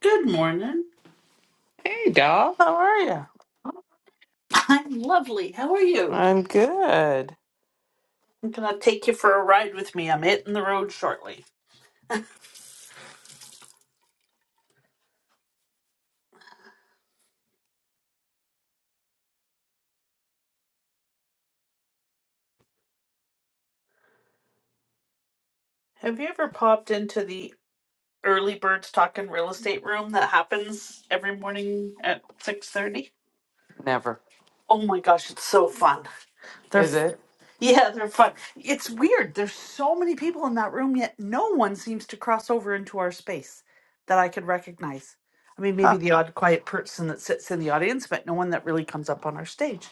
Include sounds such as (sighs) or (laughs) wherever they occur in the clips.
Good morning. Hey, doll. How are you? I'm lovely. How are you? I'm good. I'm going to take you for a ride with me. I'm hitting the road shortly. Have you ever popped into the early birds talking real estate room that happens every morning at 6:30? Never. Oh my gosh, it's so fun. Is it? Yeah, they're fun. It's weird. There's so many people in that room, yet no one seems to cross over into our space that I could recognize. I mean, maybe Huh. the odd quiet person that sits in the audience, but no one that really comes up on our stage.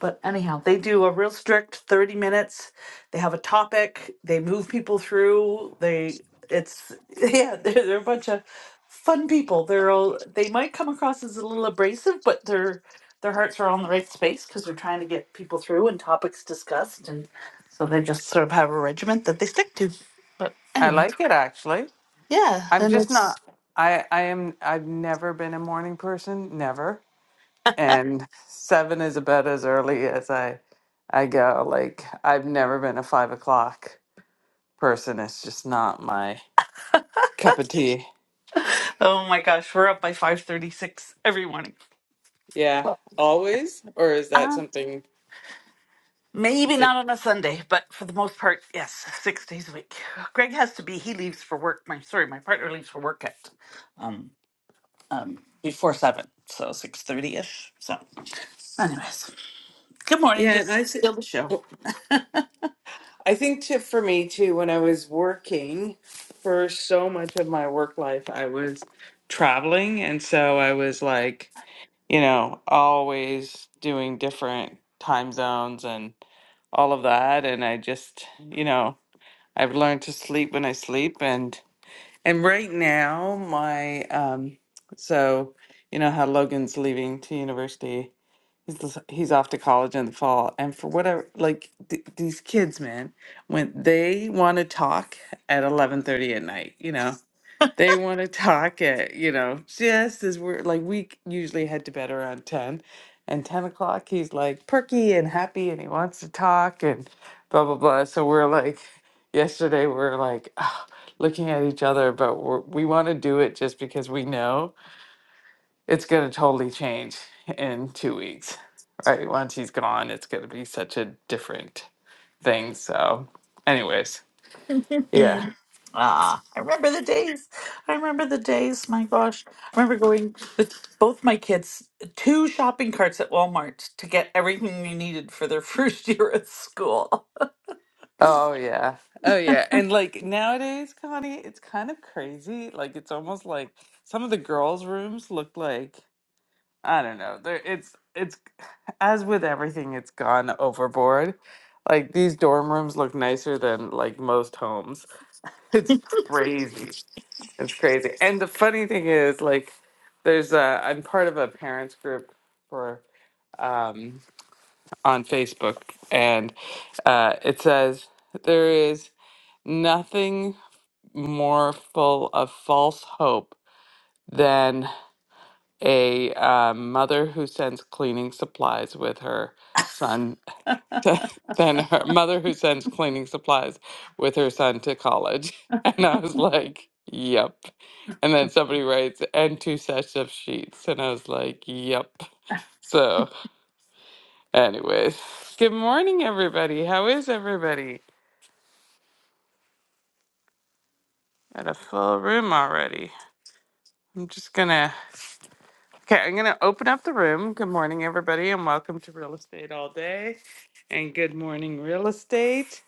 But anyhow, they do a real strict 30 minutes. They have a topic, they move people through. They, it's, (laughs) yeah, they're, they're a bunch of fun people. They're all, they might come across as a little abrasive, but they're, their hearts are all in the right space because they're trying to get people through and topics discussed and so they just sort of have a regiment that they stick to but I anyway like it actually. yeah I'm and just it's not. I I am. I've never been a morning person. Never. And seven is about as early as I I go. Like I've never been a five o'clock person. It's just not my cup of tea. oh my gosh we're up by 5.36 every morning Yeah. Always. Or is that um, something maybe that? not on a sunday but for the most part yes six days a week greg has to be he leaves for work my sorry my partner leaves for work at um, um, before seven so 6.30ish so anyways good morning Yeah. And just I think. still the show I think too for me too, when I was working for so much of my work life, I was traveling. And so I was like, you know, always doing different time zones and all of that. And I just, you know, I've learned to sleep when I sleep. And, and right now, my, um, so, you know, how Logan's leaving to university He's he's off to college in the fall, and for whatever, like th- these kids, man, when they want to talk at eleven thirty at night, you know, they want to talk at you know just as we're like we c- usually head to bed around ten, and ten o'clock he's like perky and happy and he wants to talk and blah blah blah. So we're like, yesterday we we're like. (sighs) looking at each other but we're, we want to do it just because we know it's going to totally change in two weeks, right? Once he's gone, it's going to be such a different thing. So, anyways, (laughs) yeah. Mhm. Ah, I remember the days. I remember the days. My gosh, I remember going with both my kids two shopping carts at Walmart to get everything they needed for their first (laughs) year at school. Oh, yeah. Oh, yeah. And like nowadays, Connie, it's kind of crazy. Like, it's almost like some of the girls' rooms look like, I don't know. There, it's, it's, as with everything, it's gone overboard. Like, these dorm rooms look nicer than like most homes. (laughs) It's crazy. It's crazy. And the funny thing is, like, there's a, I'm part of a parents group for, um, on Facebook, and uh, it says, there is nothing more full of false hope than a uh, mother who sends cleaning supplies with her son, (laughs) than her mother who sends cleaning supplies with her son to college. (laughs) And I was like, yep. And then somebody writes, and two sets of sheets. And I was like, yep. So, anyways, good morning, everybody. How is everybody? Got a full room already. I'm just gonna, okay, I'm gonna open up the room. Good morning, everybody, and welcome to Real Estate All Day. And good morning, Real Estate.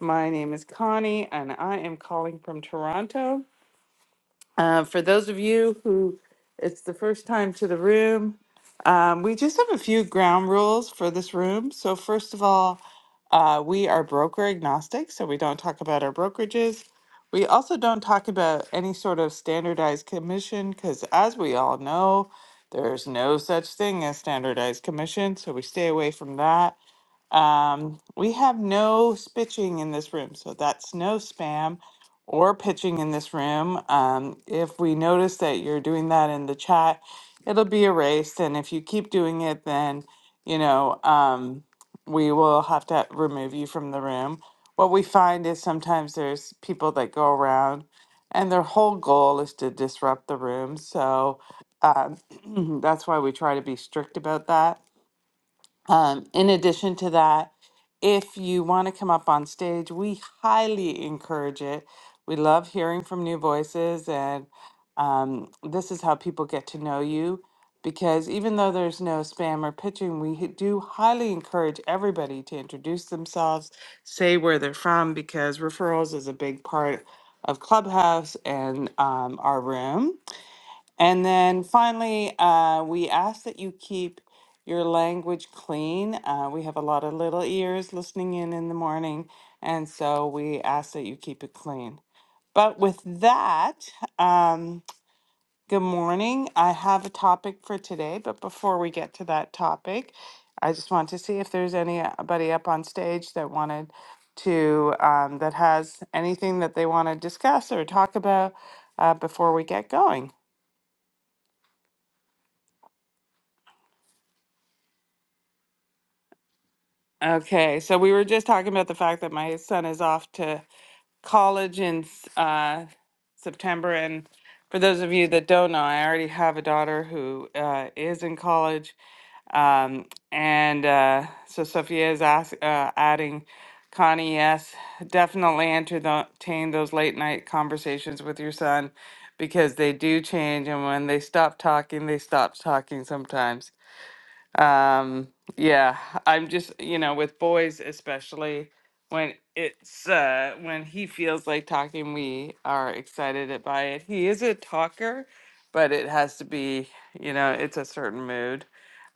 My name is Connie, and I am calling from Toronto. Uh, for those of you who it's the first time to the room, um, we just have a few ground rules for this room. So, first of all, uh, we are broker agnostic, so we don't talk about our brokerages. We also don't talk about any sort of standardized commission because, as we all know, there's no such thing as standardized commission, so we stay away from that. Um, we have no spitching in this room, so that's no spam or pitching in this room. Um, if we notice that you're doing that in the chat, it'll be erased. And if you keep doing it, then, you know, um, we will have to remove you from the room. What we find is sometimes there's people that go around and their whole goal is to disrupt the room. So um, (clears throat) that's why we try to be strict about that um, in addition to that, if you want to come up on stage, we highly encourage it. We love hearing from new voices, and um, this is how people get to know you. Because even though there's no spam or pitching, we h- do highly encourage everybody to introduce themselves, say where they're from, because referrals is a big part of Clubhouse and um, our room. And then finally, uh, we ask that you keep your language clean. Uh, we have a lot of little ears listening in in the morning, and so we ask that you keep it clean. But with that, um, good morning. I have a topic for today, but before we get to that topic, I just want to see if there's anybody up on stage that wanted to um, that has anything that they want to discuss or talk about uh, before we get going. Okay, so we were just talking about the fact that my son is off to college in s- uh, September, and for those of you that don't know, I already have a daughter who uh, is in college, um, and uh, so Sophia is ask, uh, adding, Connie, yes, definitely entertain those late night conversations with your son because they do change, and when they stop talking, they stop talking sometimes. Um, yeah, I'm just, you know, with boys especially when it's uh when he feels like talking, we are excited it- by it. He is a talker, but it has to be, you know, it's a certain mood.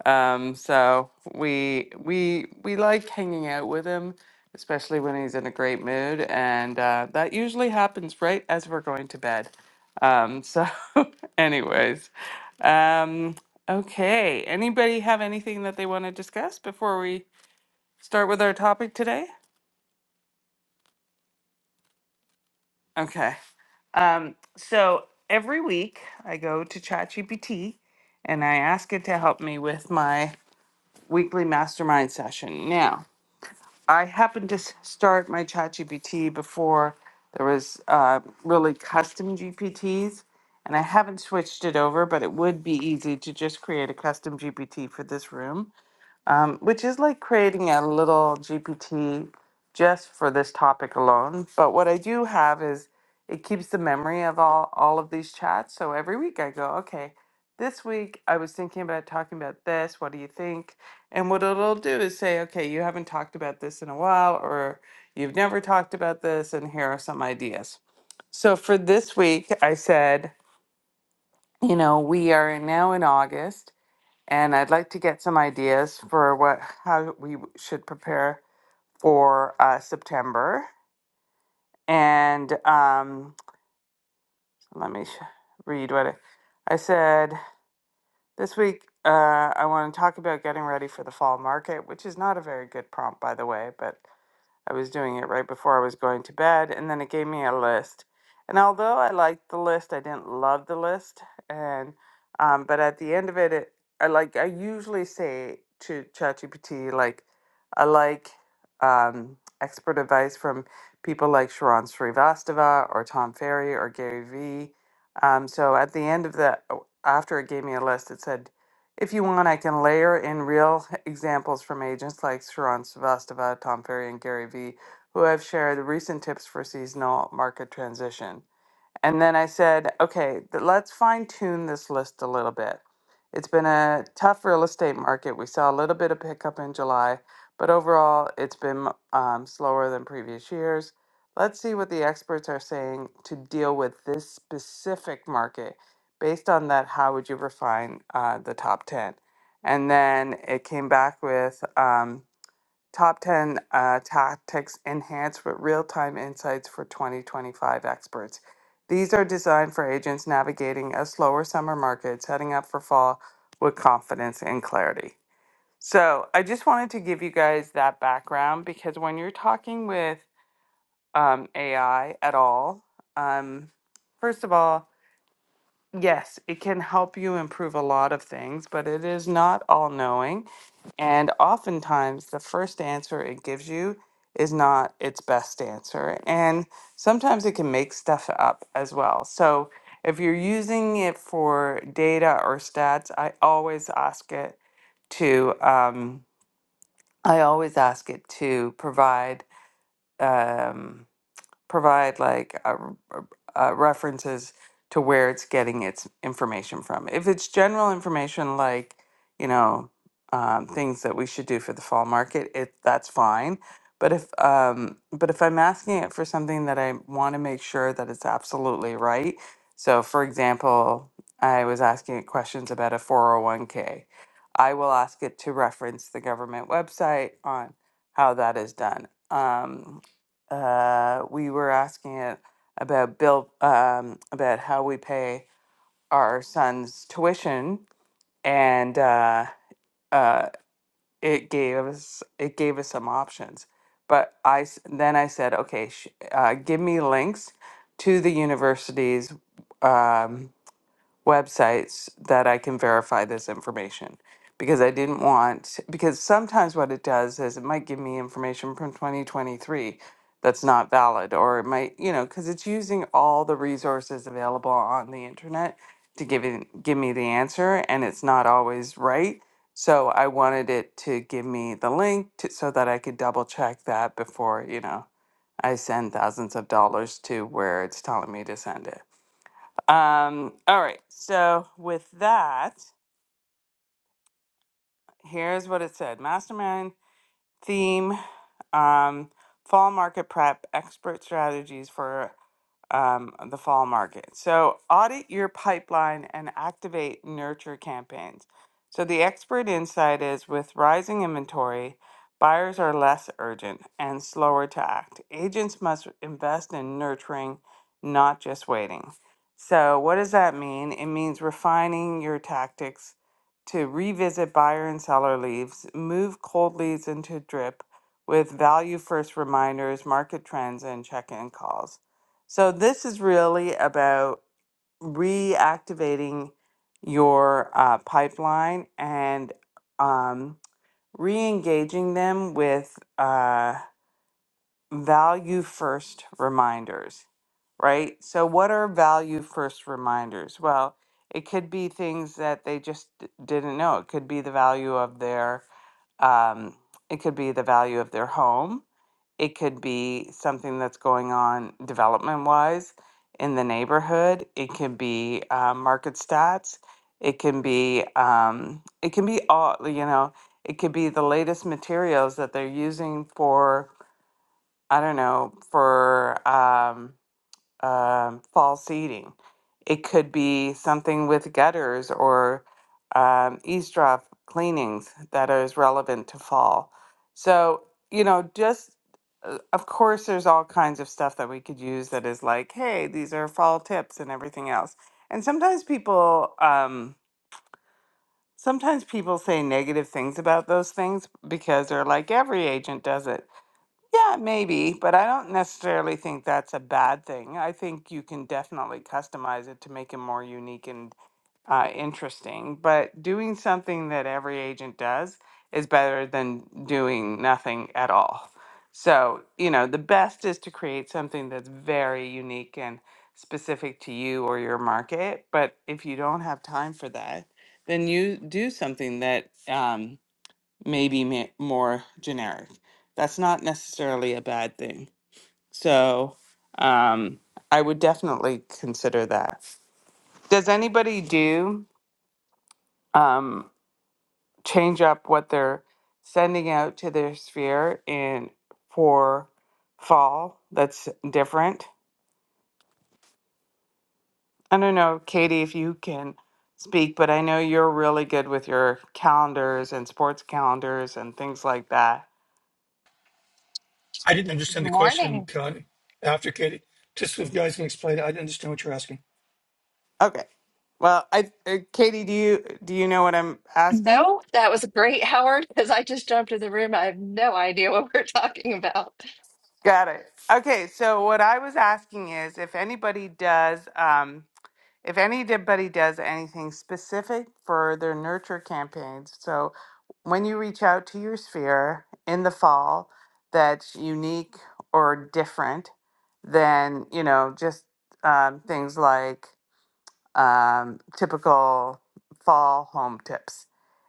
Um, so we we we like hanging out with him, especially when he's in a great mood, and uh, that usually happens right as we're going to bed. Um, so, (laughs) anyways. Um, Okay, anybody have anything that they want to discuss before we start with our topic today? Okay. Um, so every week I go to ChatGPT and I ask it to help me with my weekly mastermind session. Now, I happened to s- start my ChatGPT before there was uh, really custom GPTs, and I haven't switched it over, but it would be easy to just create a custom GPT for this room um, which is like creating a little GPT just for this topic alone. But what I do have is it keeps the memory of all, all of these chats. So every week I go, okay, this week I was thinking about talking about this. What do you think? And what it'll do is say, okay, you haven't talked about this in a while, or you've never talked about this, and here are some ideas. So for this week, I said, you know, we are now in August and I'd like to get some ideas for what how we w- should prepare for uh, September. And um, let me sh- read what I, I said this week. Uh, I want to talk about getting ready for the fall market, which is not a very good prompt, by the way, but I was doing it right before I was going to bed, and then it gave me a list. And although I liked the list, I didn't love the list. And um, but at the end of it, it I like I usually say to ChatGPT like I like um, expert advice from people like Sharon Srivastava or Tom Ferry or Gary Vee. Um, so at the end of the after it gave me a list, it said if you want, I can layer in real (laughs) examples from agents like Sharon Sevastava, Tom Ferry, and Gary Vee, who have shared recent tips for seasonal market transition. And then I said, okay, th- let's fine tune this list a little bit. It's been a tough real estate market. We saw a little bit of pickup in July, but overall, it's been um, slower than previous years. Let's see what the experts are saying to deal with this specific market. Based on that, how would you refine uh, the top 10? And then it came back with. Um, Top 10 uh, Tactics Enhanced with Real Time Insights for 2025 Experts. These are designed for agents navigating a slower summer market, setting up for fall with confidence and clarity. So, I just wanted to give you guys that background because when you're talking with um, AI at all, um, first of all, Yes, it can help you improve a lot of things, but it is not all knowing. And oftentimes, the first answer it gives you is not its best answer. And sometimes it can make stuff up as well. So if you're using it for data or stats, I always ask it to, um, I always ask it to provide. Um, provide like uh, r- uh, references to where it's getting its information from. If it's general information like, you know, um, things that we should do for the fall market, it that's fine. But if um, but if I'm asking it for something that I want to make sure that it's absolutely right, so for example, I was asking it questions about a 401k. I will ask it to reference the government website on how that is done. Um, uh, we were asking it about bill um, about how we pay our son's tuition, and uh, uh, it gave us it gave us some options. But I s- then I said, okay, sh- uh, give me links to the universities. Um, websites that I can verify this information because I didn't want because sometimes what it does is it might give me information from 2023 that's not valid or it might you know because it's using all the resources available on the internet to give it, give me the answer and it's not always right so I wanted it to give me the link to, so that I could double check that before you know I send thousands of dollars to where it's telling me to send it um, all right. So with that, here's what it said: Mastermind theme um, fall market prep, expert strategies for um, the fall market. So, audit your pipeline and activate nurture campaigns. So, the expert insight is with rising inventory, buyers are less urgent and slower to act. Agents must invest in nurturing, not just waiting. So, what does that mean? It means refining your tactics to revisit buyer and seller leads, move cold leads into drip, with value first reminders, market trends, and check in calls. So, this is really about reactivating your uh, pipeline and um, re engaging them with uh, value first reminders, right? So, what are value first reminders? Well, it could be things that they just d- didn't know. It could be the value of their, um, it could be the value of their home it could be something that's going on development wise in the neighborhood. It could be uh, market stats. It can be um, it can be all you know. It could be the latest materials that they're using for I don't know for um, um, false eating. It could be something with gutters or um, eavesdrop cleanings that is relevant to fall. So, you know, just uh, of course, there's all kinds of stuff that we could use that is like, hey, these are fall tips and everything else. And sometimes people, um, sometimes people say negative things about those things because they're like, every agent does it. Yeah, maybe, but I don't necessarily think that's a bad thing. I think you can definitely customize it to make it more unique and uh, interesting. But doing something that every agent does is better than doing nothing at all. So, you know, the best is to create something that's very unique and specific to you or your market. But if you don't have time for that, then you do something that um, maybe ma- more generic. That's not necessarily a bad thing. So um, I would definitely consider that. Does anybody do um, change up what they're sending out to their sphere in for fall that's different? I don't know, Katie, if you can speak, but I know you're really good with your calendars and sports calendars and things like that. I didn't Good understand the question, morning. Connie. After Katie, just if you guys can explain it, I didn't understand what you're asking. Okay. Well, I uh, Katie, do you do you know what I'm asking? No, that was great, Howard, because I just jumped in the room. I have no idea what we're talking about. Got it. Okay, so what I was asking is if anybody does um if anybody does anything specific for their nurture campaigns. So when you reach out to your sphere in the fall that's unique or different than, you know, just um, things like um, typical fall home tips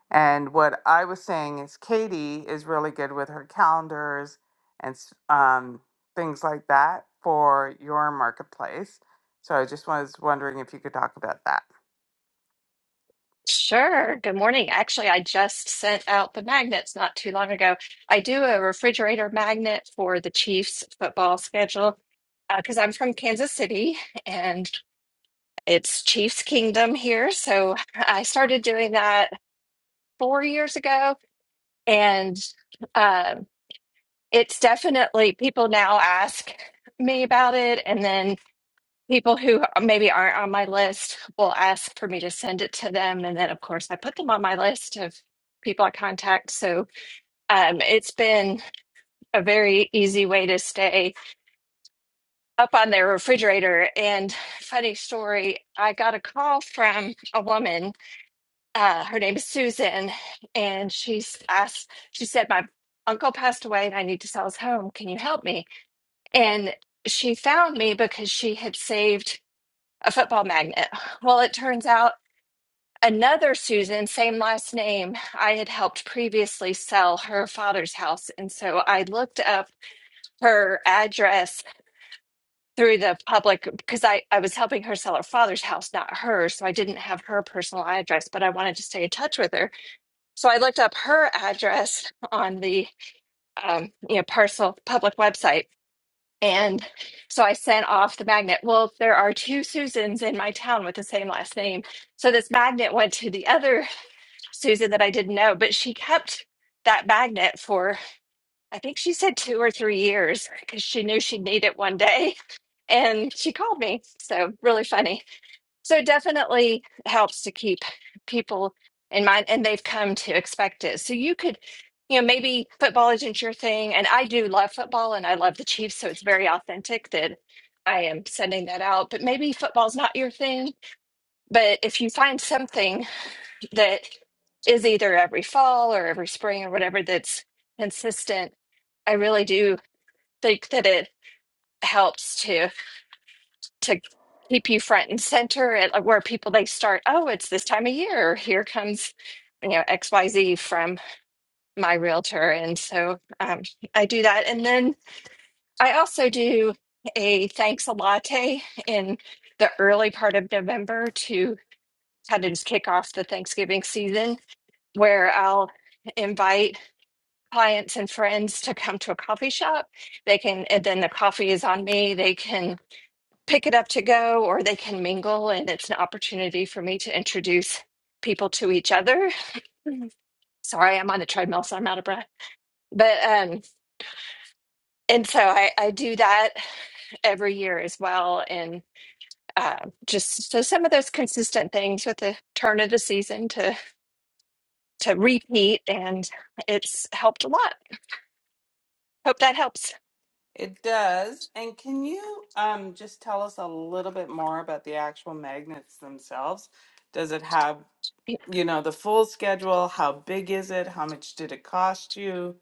And what I was saying is Katie is really good with her calendars and s- um, things like that for your marketplace. So I just was wondering if you could talk about that. Sure. Good morning. Actually, I just sent out the magnets not too long ago. I do a refrigerator magnet for the Chiefs football schedule because I'm from Kansas City and it's Chiefs Kingdom here. So I started doing that four years ago. And um, it's definitely people now ask me about it. And then people who maybe aren't on my list will ask for me to send it to them and then of course i put them on my list of people i contact so um, it's been a very easy way to stay up on their refrigerator and funny story i got a call from a woman uh, her name is susan and she's asked she said my uncle passed away and i need to sell his home can you help me and she found me because she had saved a football magnet well it turns out Another Susan, same last name, I had helped previously sell her father's house. And so I looked up her address through the public because I, I was helping her sell her father's house, not hers. So I didn't have her personal address, but I wanted to stay in touch with her. So I looked up her address (laughs) on the um, you know parcel public website. And so I sent off the magnet. Well, there are two Susans in my town with the same last name. So this magnet went to the other Susan that I didn't know, but she kept that magnet for, I think she said two or three years because she knew she'd need it one day. (laughs) And she called me. So, really funny. So, it definitely helps to keep people in mind and they've come to expect it. So, you could, you know, maybe football isn't your thing. And I do love football and I love the Chiefs. So, it's very authentic that I am sending that out. But maybe football's not your thing. But if you find something, that is either every fall or every spring or whatever that's consistent i really do think that it helps to to keep you front and center at like, where people they start oh it's this time of year here comes you know xyz from my realtor and so um, i do that and then i also do a thanks a latte in the early part of november to kind of just kick off the thanksgiving season where i'll invite clients and friends to come to a coffee shop. They can, and then the coffee is on me. They can pick it up to go or they can mingle. And it's an opportunity for me to introduce people to each other. Mhm. Sorry, I'm on the treadmill, so I'm out of breath. But, um, and so I, I do that every year as well. And uh, just so some of those consistent things with the turn of the season to to repeat, and it's helped a lot. Hope that helps. It does. And can you um, just tell us a little bit more about the actual magnets themselves? Does it have, you know, the full schedule? How big is it? How much did it cost you?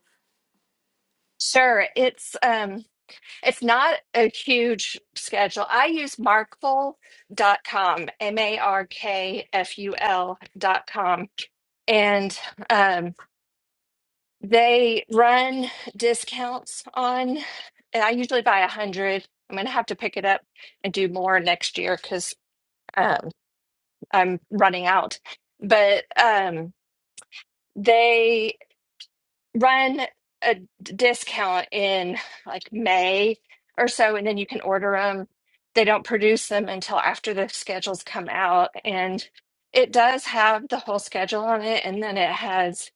Sure, it's um, It's not a huge schedule. I use Markful dot com, M A R K F U L dot com, And um, they run discounts on, and I usually buy a 100. I'm going to have to pick it up and do more next year because um, I'm running out. But um, they run a d- discount in like May or so, and then you can order them. They don't produce them until after the schedules come out. And it does have the whole schedule on it. And then it has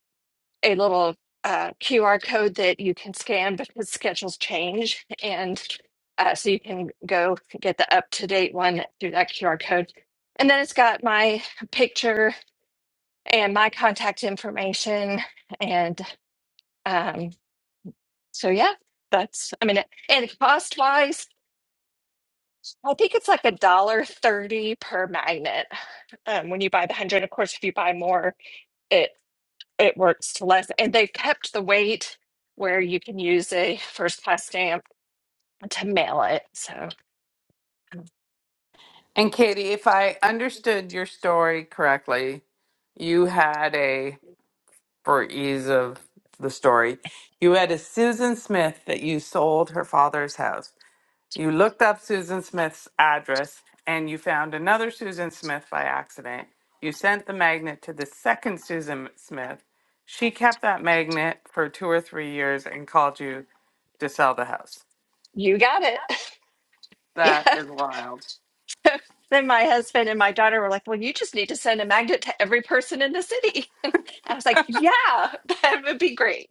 a little uh, QR code that you can scan because schedules change. And uh, so you can go get the up to date one through that QR code. And then it's got my picture and my contact information and um, so yeah, that's I mean, and cost wise, I think it's like a dollar thirty per magnet um, when you buy the hundred. Of course, if you buy more, it it works to less. And they've kept the weight where you can use a first class stamp to mail it. So And Katie, if I understood your story correctly, you had a for ease of the story. You had a Susan Smith that you sold her father's house. You looked up Susan Smith's address and you found another Susan Smith by accident. You sent the magnet to the second Susan Smith. She kept that magnet for two or three years and called you to sell the house. you got it. (laughs) Yeah. That is wild. (laughs) Then my husband and my daughter were like, "Well, you just need to send a magnet to every person in the city." (laughs) I was like, "Yeah, (laughs) that would be great."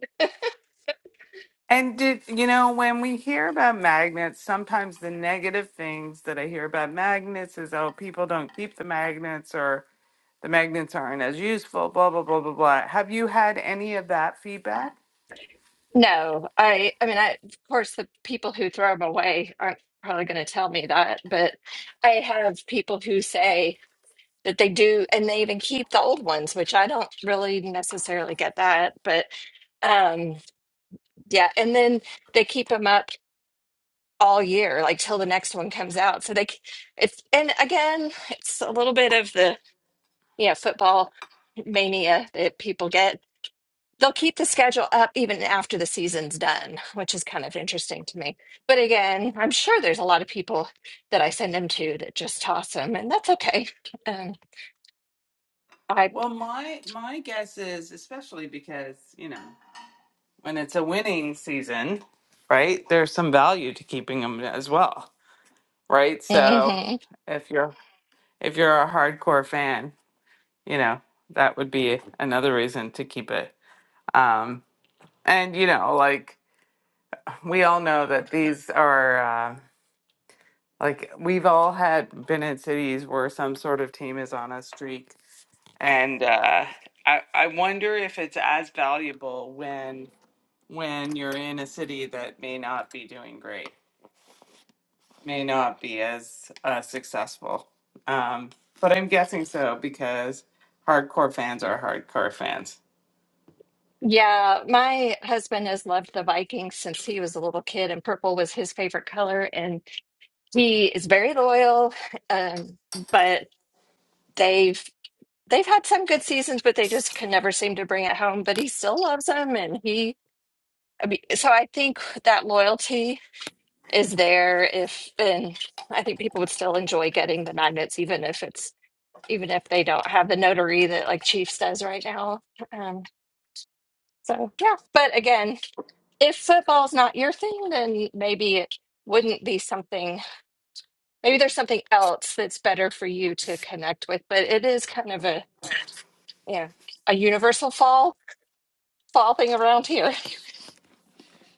And did you know when we hear about magnets, sometimes the negative things that I hear about magnets is oh, people don't keep the magnets or the magnets aren't as useful, blah, blah, blah, blah, blah. Have you had any of that feedback? No, I I mean I of course the people who throw them away aren't probably going to tell me that, but I have people who say that they do and they even keep the old ones, which I don't really necessarily get that, but um yeah, and then they keep them up all year like till the next one comes out. So they c- it's and again, it's a little bit of the yeah, football mania that people get they'll keep the schedule up even after the season's done, which is kind of interesting to me. But again, I'm sure there's a lot of people that I send them to that just toss them, and that's okay. Um, I, Well, my my guess is especially because, you know, when it's a winning season, right? There's some value to keeping them as well, right? So, hmm if you're if you're a hardcore fan, you know, that would be another reason to keep it. Um and you know, like we all know that these are uh like we've all had been in cities where some sort of team is on a streak and uh, I I wonder if it's as valuable when when you're in a city that may not be doing great, may not be as uh, successful. Um, but I'm guessing so because hardcore fans are hardcore fans. yeah, my husband has loved the Vikings since he was a little kid, and purple was his favorite color, and he is very loyal. Um, but they've they've had some good seasons, but they just can never seem to bring it home. But he still loves them, and he. I mean, so I think that loyalty is there if and I think people would still enjoy getting the magnets even if it's even if they don't have the notary that like Chiefs does right now. Um, so yeah, but again, if football's not your thing, then maybe it wouldn't be something. Maybe there's something else that's better for you to connect with. But it is kind of a yeah a universal fall fall thing around here.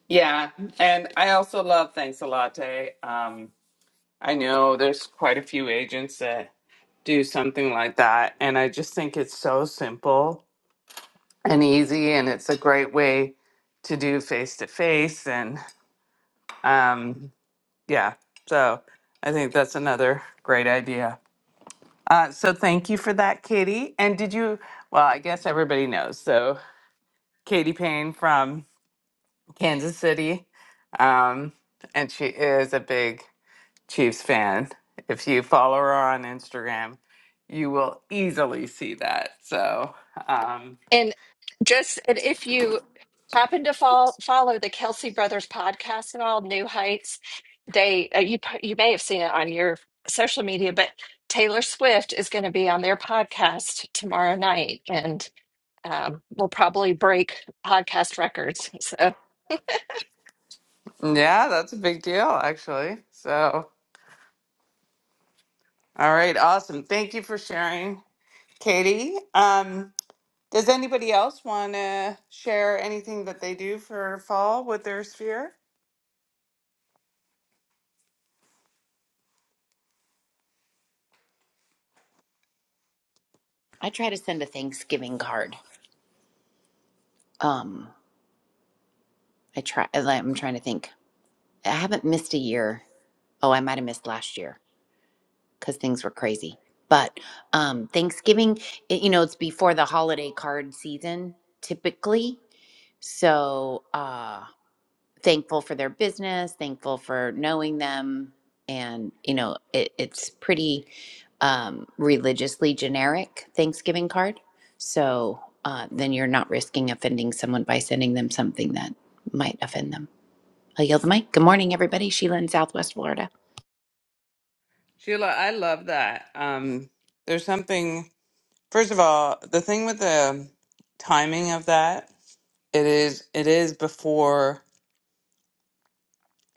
Yeah, and I also love Thanks a Latte. Um, I know there's quite a few agents that do something like that, and I just think it's so simple and easy and it's a great way to do face to face and um yeah so i think that's another great idea uh, so thank you for that katie and did you well i guess everybody knows so katie payne from kansas city um, and she is a big chiefs fan if you follow her on instagram you will easily see that so um, And just and if you happen to follow, follow the Kelsey Brothers podcast at all, New Heights, they uh, you p- you may have seen it on your social media, but Taylor Swift is going to be on their podcast tomorrow night, and um, will probably break podcast records. So yeah that's a big deal actually so All right, awesome. Thank you for sharing, Katie. Um, does anybody else want to share anything that they do for fall with their sphere? I try to send a Thanksgiving card. Um, I try. I'm trying to think. I haven't missed a year. Oh, I might have missed last year because things were crazy. But um, Thanksgiving, it, you know, it's before the holiday card season typically. So, uh, thankful for their business, thankful for knowing them. And, you know, it, it's pretty um, religiously generic Thanksgiving card. So uh, then you're not risking offending someone by sending them something that might offend them. I yield the mic. Good morning, everybody. Sheila in Southwest Florida. Sheila, I love that. Um, there's something. First of all, the thing with the timing of that, it is it is before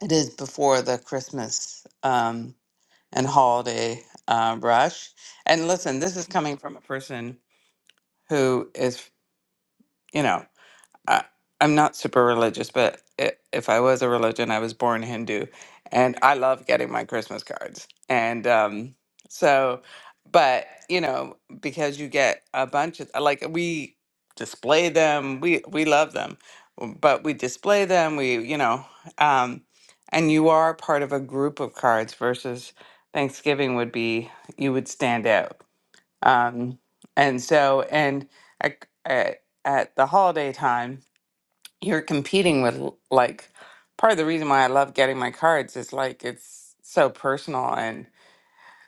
it is before the Christmas um, and holiday uh, rush. And listen, this is coming from a person who is you know I, I'm not super religious, but i if I was a religion, I was born Hindu, and I love getting my Christmas cards. And um, so, but you know, because you get a bunch of like we display them, we we love them, w- but we display them, we you know, um, and you are part of a group of cards versus Thanksgiving would be you would stand out. Um, and so, and at, at at the holiday time you're competing with l- like part of the reason why I love getting my cards is like it's so personal and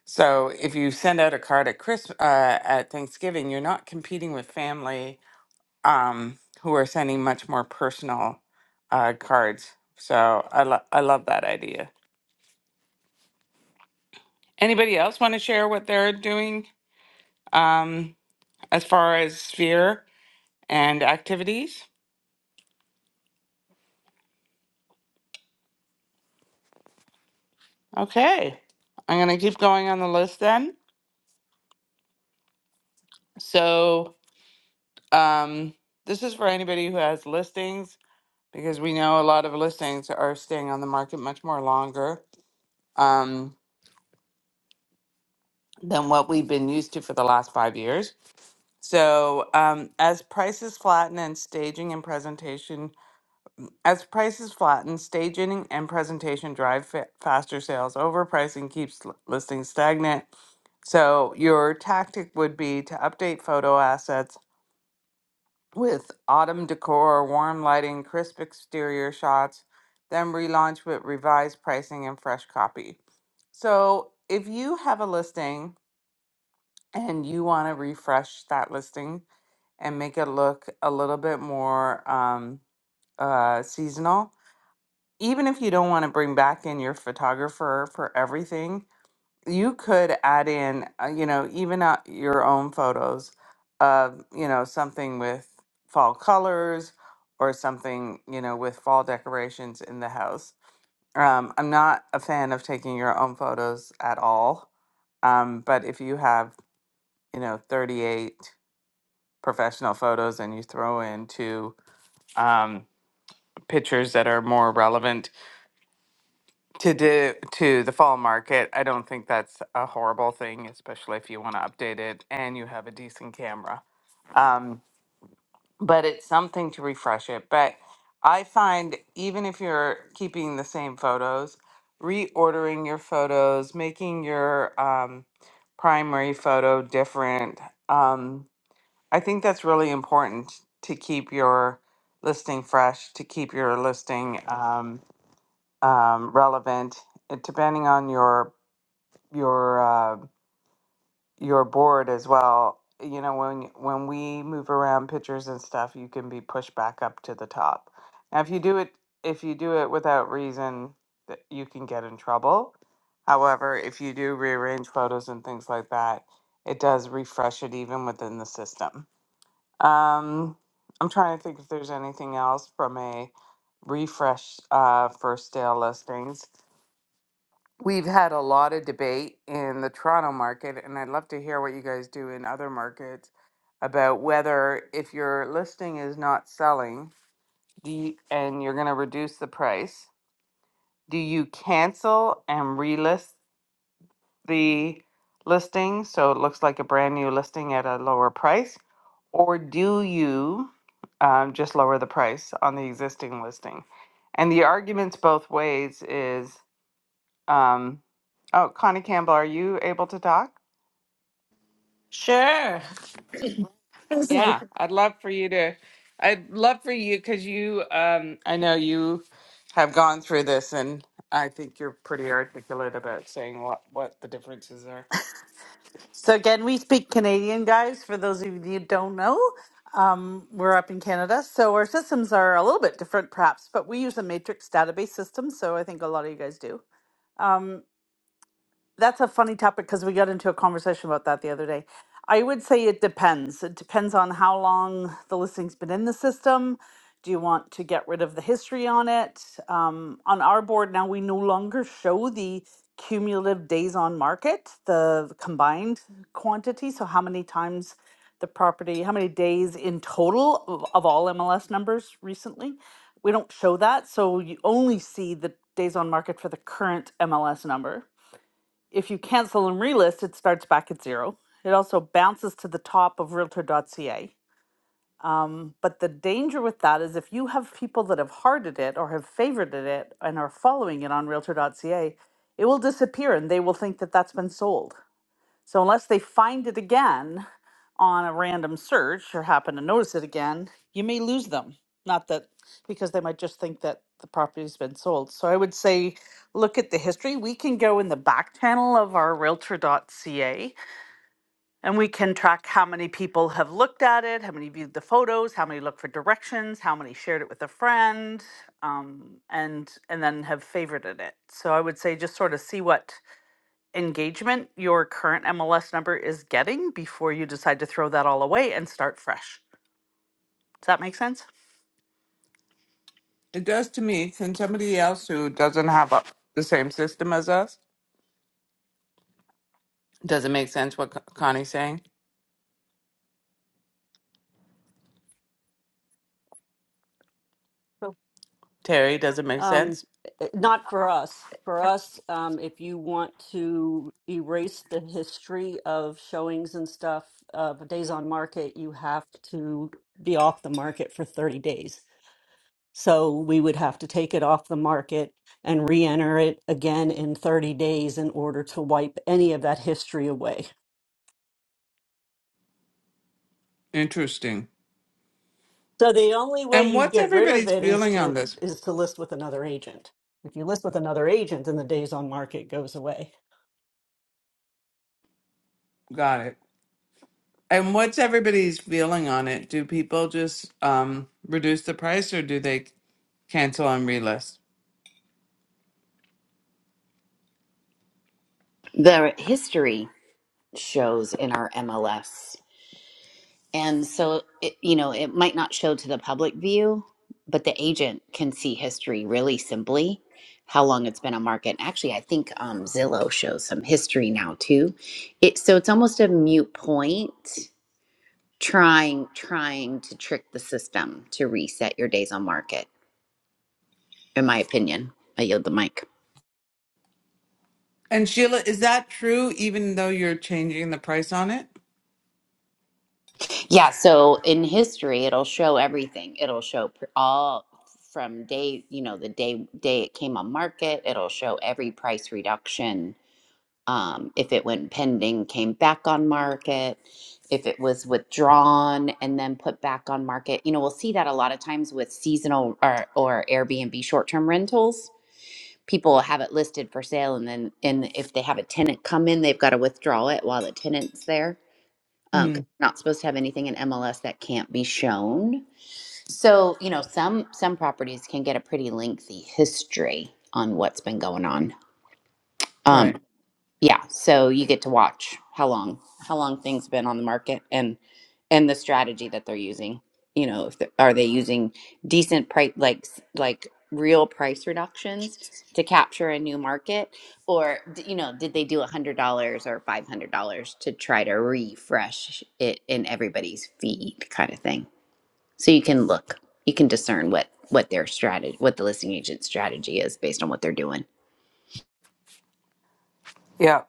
so if you send out a card at Christmas uh, at Thanksgiving, you're not competing with family um, who are sending much more personal uh, cards. So I lo- I love that idea. Anybody else want to share what they're doing um, as far as sphere and activities? Okay, I'm gonna keep going on the list then. So Um, this is for anybody who has listings because we know a lot of listings are staying on the market much more longer um, than what we've been used to for the last five years. So, um, as prices flatten and staging and presentation, as prices flatten, staging and presentation drive fa- faster sales. Overpricing keeps l- listings stagnant. So, your tactic would be to update photo assets with autumn decor, warm lighting, crisp exterior shots, then relaunch with revised pricing and fresh copy. So, if you have a listing and you want to refresh that listing and make it look a little bit more um, uh, seasonal, even if you don't want to bring back in your photographer for everything, you could add in, uh, you know, even out your own photos of, you know, something with fall colors or something, you know, with fall decorations in the house. Um, I'm not a fan of taking your own photos at all. Um, but if you have, you know, 38 professional photos and you throw in two um, pictures that are more relevant to do to the fall market. I don't think that's a horrible thing, especially if you want to update it and you have a decent camera. Um, but it's something to refresh it. But I find even if you're keeping the same photos, reordering your photos, making your um, primary photo different. Um, I think that's really important to keep your listing fresh, to keep your listing um, um, relevant it- depending on your your uh, your board as well. You know, when when we move around pictures and stuff, you can be pushed back up to the top. Now, if you do it if you do it without reason, that you can get in trouble. However, if you do rearrange photos and things like that, it does refresh it even within the system. Um, I'm trying to think if there's anything else from a refresh uh, for stale listings. We've had a lot of debate in the Toronto market, and I'd love to hear what you guys do in other markets about whether if your listing is not selling do you, and you're going to reduce the price, do you cancel and relist the listing so it looks like a brand new listing at a lower price? Or do you um, just lower the price on the existing listing? And the arguments both ways is um, oh, Connie Campbell, are you able to talk? Sure. So Yeah, I'd love for you to. I'd love for you because you. Um, I know you have gone through this, and I think you're pretty articulate about saying what what the differences are. so again, we speak Canadian, guys. For those of you who don't know, um, we're up in Canada, so our systems are a little bit different, perhaps. But we use a matrix database system, so I think a lot of you guys do. Um, that's a funny topic because we got into a conversation about that the other day. I would say it depends. It depends on how long the listing's been in the system. Do you want to get rid of the history on it? Um, on our board now, we no longer show the cumulative days on market, the combined quantity. So, how many times the property, how many days in total of, of all MLS numbers recently? We don't show that. So, you only see the days on market for the current MLS number if you cancel and relist, it starts back at zero. It also bounces to the top of realtor.ca. Um, but the danger with that is if you have people that have hearted it or have favorited it and are following it on realtor.ca, it will disappear and they will think that that's been sold. So unless they find it again on a random search or happen to notice it again, you may lose them. Not that because they might just think that the property's been sold. So I would say look at the history. We can go in the back channel of our realtor.ca and we can track how many people have looked at it, how many viewed the photos, how many looked for directions, how many shared it with a friend, um, and and then have favorited it. So I would say just sort of see what engagement your current MLS number is getting before you decide to throw that all away and start fresh. Does that make sense? It does to me, and somebody else who doesn't have a, the same system as us. Does it make sense what Con- Connie's saying? So, Terry, does it make Um, sense? eh, not for us. For us, um, if you want to erase the history of showings and stuff of days on market, you have to be off the market for 30 days. So we would have to take it off the market and re-enter it again in 30 days in order to wipe any of that history away. Interesting. So the only way And you what's get rid of everybody's it is feeling on to this? is to list with another agent. If you list with another agent, then the days on market goes away. Got it. And what's everybody's feeling on it? Do people just um, reduce the price or do they cancel and relist? The history shows in our MLS. And so, it, you know, it might not show to the public view, but the agent can see history really simply, how long it's been on market. Actually, I think um, Zillow shows some history now too. It so it's almost a mute point trying trying to trick the system to reset your days on market. In my opinion, I yield the mic. And Sheila, is that true even though you're changing the price on it? Yeah, so in history, it'll show everything. It'll show pr- all from day, you know, the day day it came on market. It'll show every price reduction. Um, if it went pending, came back on market. If it was withdrawn and then put back on market, you know, we'll see that a lot of times with seasonal or, or Airbnb short term rentals. People will have it listed for sale, and then and if they have a tenant come in, they've got to withdraw it while the tenant's there um, 'cause Mm, we're not supposed to have anything in MLS that can't be shown. So you know, some some properties can get a pretty lengthy history on what's been going on. Um, right. yeah, so you get to watch how long how long things been on the market and and the strategy that they're using. You know, if they, are they using decent price like s- like real price reductions to capture a new market or d- you know, did they do $100 or $500 to try to refresh it in everybody's feed kind of thing. So you can look, you can discern what what their strategy what the listing agent strategy is based on what they're doing. Yeah.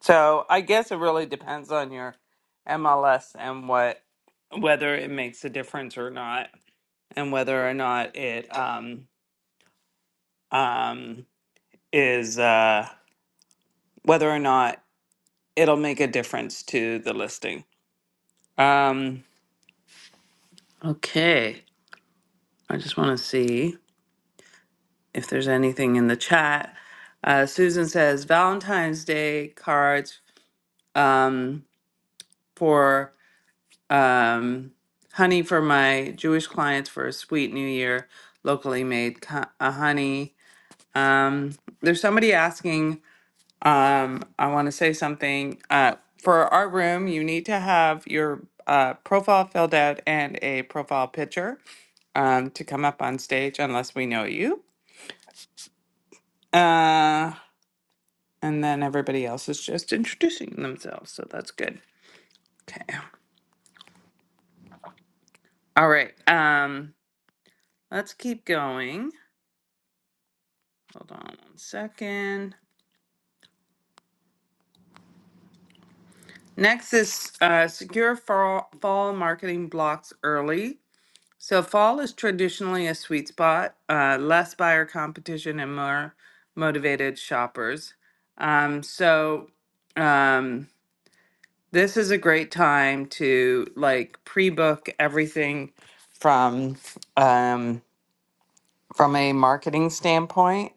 So I guess it really depends on your MLS and what whether it makes a difference or not, and whether or not it um um is uh whether or not it'll make a difference to the listing. Um. Okay. I just want to see if there's anything in the chat. Uh, Susan says Valentine's Day cards um, for um, honey for my Jewish clients for a sweet new year, locally made co- uh, honey. Um, there's somebody asking, um, I want to say something. Uh, for our room, you need to have your uh, profile filled out and a profile picture um, to come up on stage unless we know you. Uh, And then everybody else is just introducing themselves, so that's good. Okay. All right. Um, let's keep going. Hold on one second. Next is uh, secure fall, fall marketing blocks early. So fall is traditionally a sweet spot, uh, less buyer competition and more motivated shoppers. Um, so um, this is a great time to like pre-book everything from. um. from a marketing standpoint.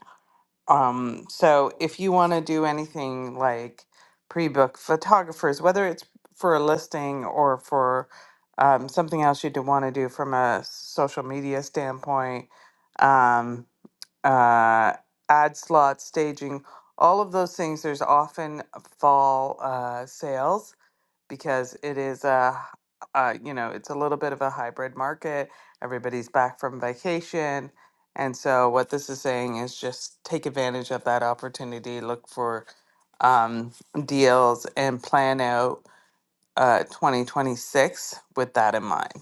Um, so if you want to do anything like pre-book photographers, whether it's for a listing or for um, something else you'd want to do from a social media standpoint, um, uh, ad slots, staging, all of those things, there's often fall uh, sales because it is a, uh, you know it's a little bit of a hybrid market everybody's back from vacation and so what this is saying is just take advantage of that opportunity look for um, deals and plan out uh, 2026 with that in mind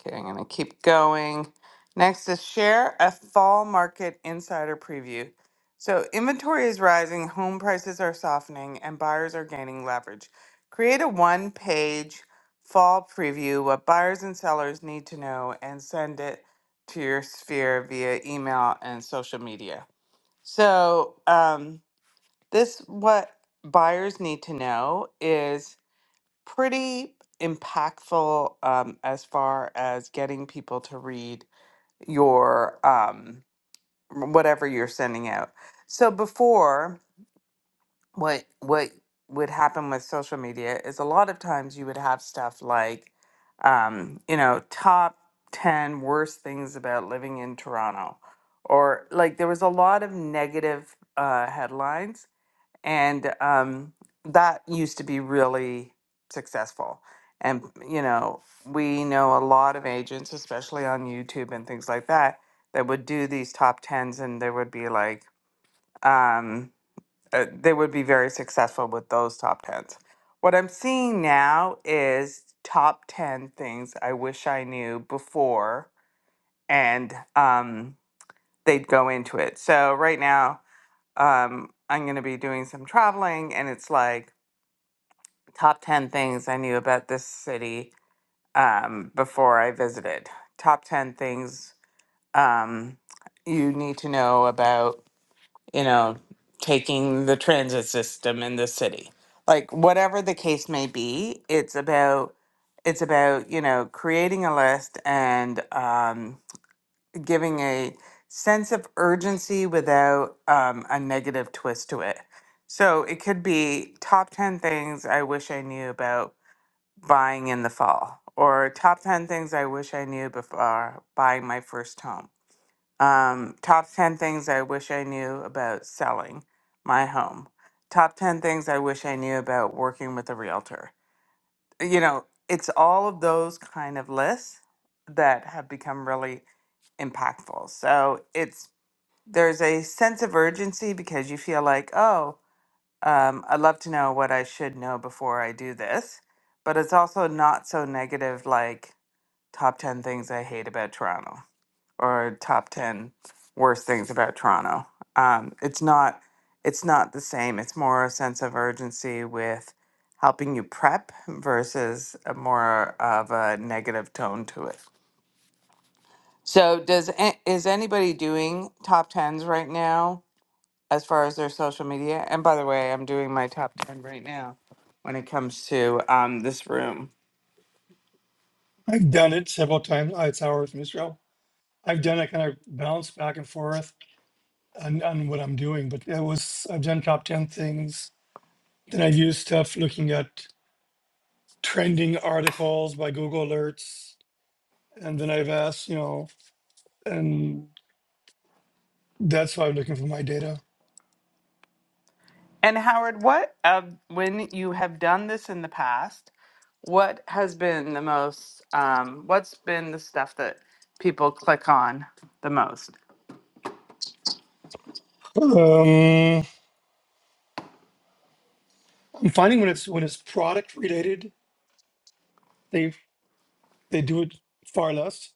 Okay, I'm gonna keep going. Next is share a fall market insider preview. So inventory is rising, home prices are softening, and buyers are gaining leverage. Create a one-page fall preview, what buyers and sellers need to know, and send it to your sphere via email and social media. So um, this what buyers need to know is pretty impactful um, as far as getting people to read your um, whatever you're sending out. So before, what what would happen with social media is a lot of times you would have stuff like, um, you know, top ten worst things about living in Toronto, or like there was a lot of negative uh, headlines and um, that used to be really successful. And you know, we know a lot of agents, especially on YouTube and things like that, that would do these top tens, and they would be like, um, uh, they would be very successful with those top tens. What I'm seeing now is top ten things I wish I knew before, and um, they'd go into it. So right now, um, I'm going to be doing some traveling, and it's like top 10 things I knew about this city um, before I visited. Top 10 things um, you need to know about, you know, taking the transit system in the city. Like whatever the case may be, it's about it's about you know creating a list and um, giving a sense of urgency without um, a negative twist to it. So it could be top 10 things I wish I knew about buying in the fall or top 10 things I wish I knew before buying my first home. Um, top 10 things I wish I knew about selling my home. Top 10 things I wish I knew about working with a realtor. You know, it's all of those kind of lists that have become really impactful. So it's there's a sense of urgency because you feel like, oh, um, I'd love to know what I should know before I do this, but it's also not so negative like top 10 things I hate about Toronto or top 10 worst things about Toronto. Um, it's not it's not the same. It's more a sense of urgency with helping you prep versus a more of a negative tone to it. So does a- is anybody doing top 10s right now? as far as their social media. And by the way, I'm doing my top 10 right now when it comes to um, this room. I've done it several times. I- It's hours from Israel. I've done it kind of bounce back and forth on, on what I'm doing, but it was I've done top ten things. Then I've used stuff looking at trending articles by Google Alerts, and then I've asked, you know, and that's why I'm looking for my data. And Howard, what, uh, when you have done this in the past, what has been the most, um, what's been the stuff that people click on the most? Um, I'm finding when it's when it's product related, they they do it far less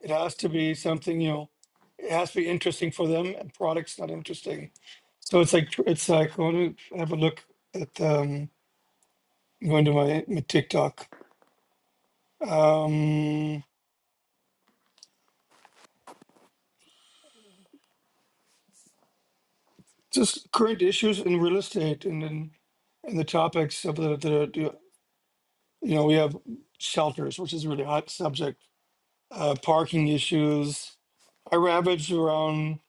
It has to be something, you know, it has to be interesting for them and product's not interesting. So it's like, tr- it's like, I want to have a look at, um, going to my, my TikTok. Um, just current issues in real estate and then, and the topics of the, the, the- you know, we have shelters, which is a really hot subject, uh, parking issues. I ravage around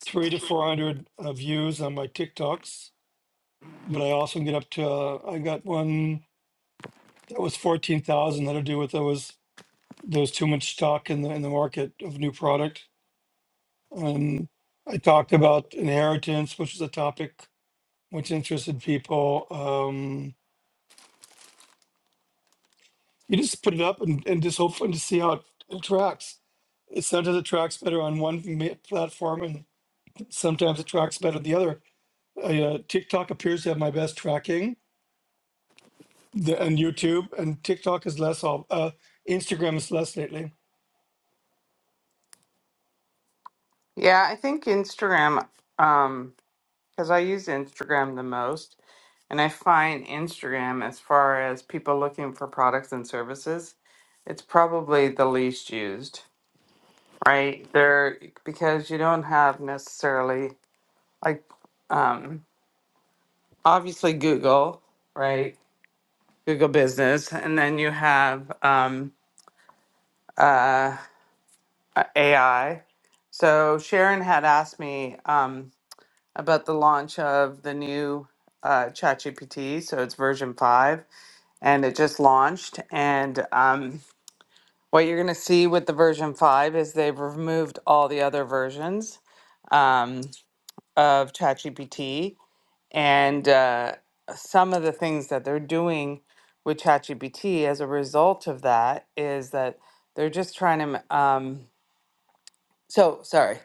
three to 400 uh, views on my TikToks, but I also get up to, uh, I got one That was fourteen thousand. That'll do with there was there was too much stock in the in the market of new product. Um, I talked about inheritance, which is a topic which interested people. Um, you just put it up and, and just hope and just see how it, it tracks. It sometimes it tracks better on one ma- platform, and sometimes it tracks better the other. I, uh, TikTok appears to have my best tracking, the, and YouTube, and TikTok is less. Of, uh, Instagram is less lately. Yeah, I think Instagram, um, because I use Instagram the most. And I find Instagram, as far as people looking for products and services, it's probably the least used. right? There, because you don't have necessarily like um, obviously Google, right? Google Business, and then you have um, uh, uh, AI. So Sharon had asked me um, about the launch of the new uh, ChatGPT. So it's version five, and it just launched. And um, what you're going to see with the version five is they've removed all the other versions. Um, of ChatGPT and uh, some of the things that they're doing with ChatGPT as a result of that is that they're just trying to. m- Um, so sorry,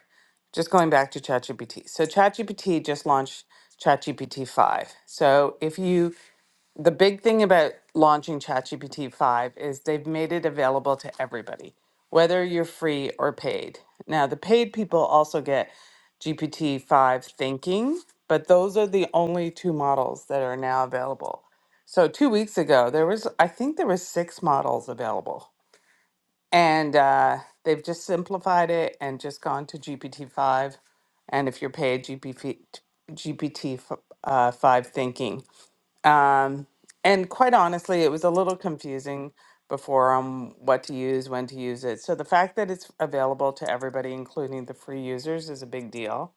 just going back to ChatGPT. So ChatGPT just launched ChatGPT five. So if you the big thing about launching ChatGPT 5 is they've made it available to everybody, whether you're free or paid. Now, the paid people also get GPT 5 thinking, but those are the only two models that are now available. So, two weeks ago, there was, I think there was six models available. And uh, they've just simplified it and just gone to GPT 5. And if you're paid, GPT, uh, 5 thinking. Um, and quite honestly, it was a little confusing before on what to use, when to use it. So the fact that it's available to everybody, including the free users, is a big deal.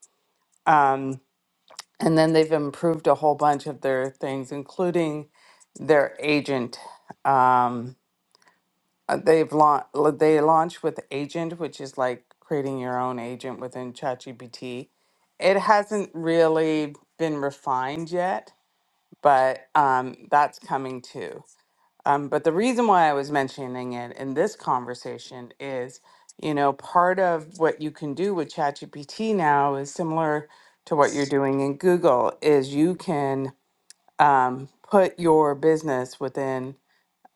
Um, and then they've improved a whole bunch of their things, including their agent. Um, uh, they've launched they launched with agent, which is like creating your own agent within ChatGPT. It hasn't really been refined yet, but um, that's coming too. Um, but the reason why I was mentioning it in this conversation is, you know, part of what you can do with ChatGPT now is similar to what you're doing in Google, is you can um, put your business within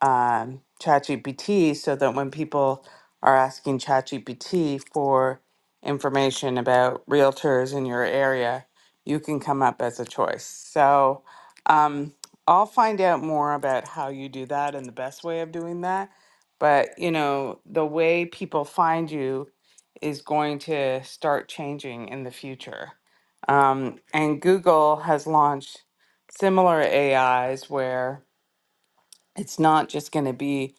um, ChatGPT so that when people are asking ChatGPT for information about realtors in your area, you can come up as a choice. So um, I'll find out more about how you do that and the best way of doing that. But you know, the way people find you is going to start changing in the future. Um, and Google has launched similar AIs where it's not just going to be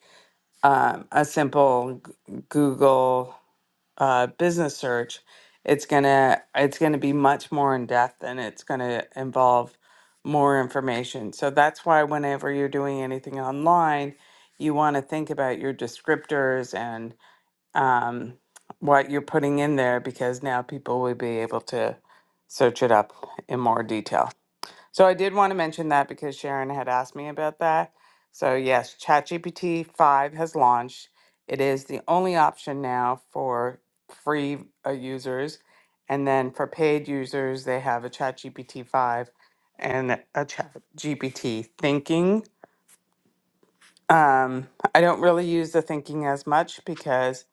um, a simple G- Google uh, business search, it's gonna it's gonna be much more in depth and it's gonna involve more information. So that's why whenever you're doing anything online, you want to think about your descriptors and um, what you're putting in there because now people will be able to search it up in more detail. So I did want to mention that because Sharon had asked me about that. So yes, ChatGPT 5 has launched. It is the only option now for free uh, users. And then for paid users, they have a ChatGPT 5 and a ChatGPT Thinking. Um, I don't really use the Thinking as much because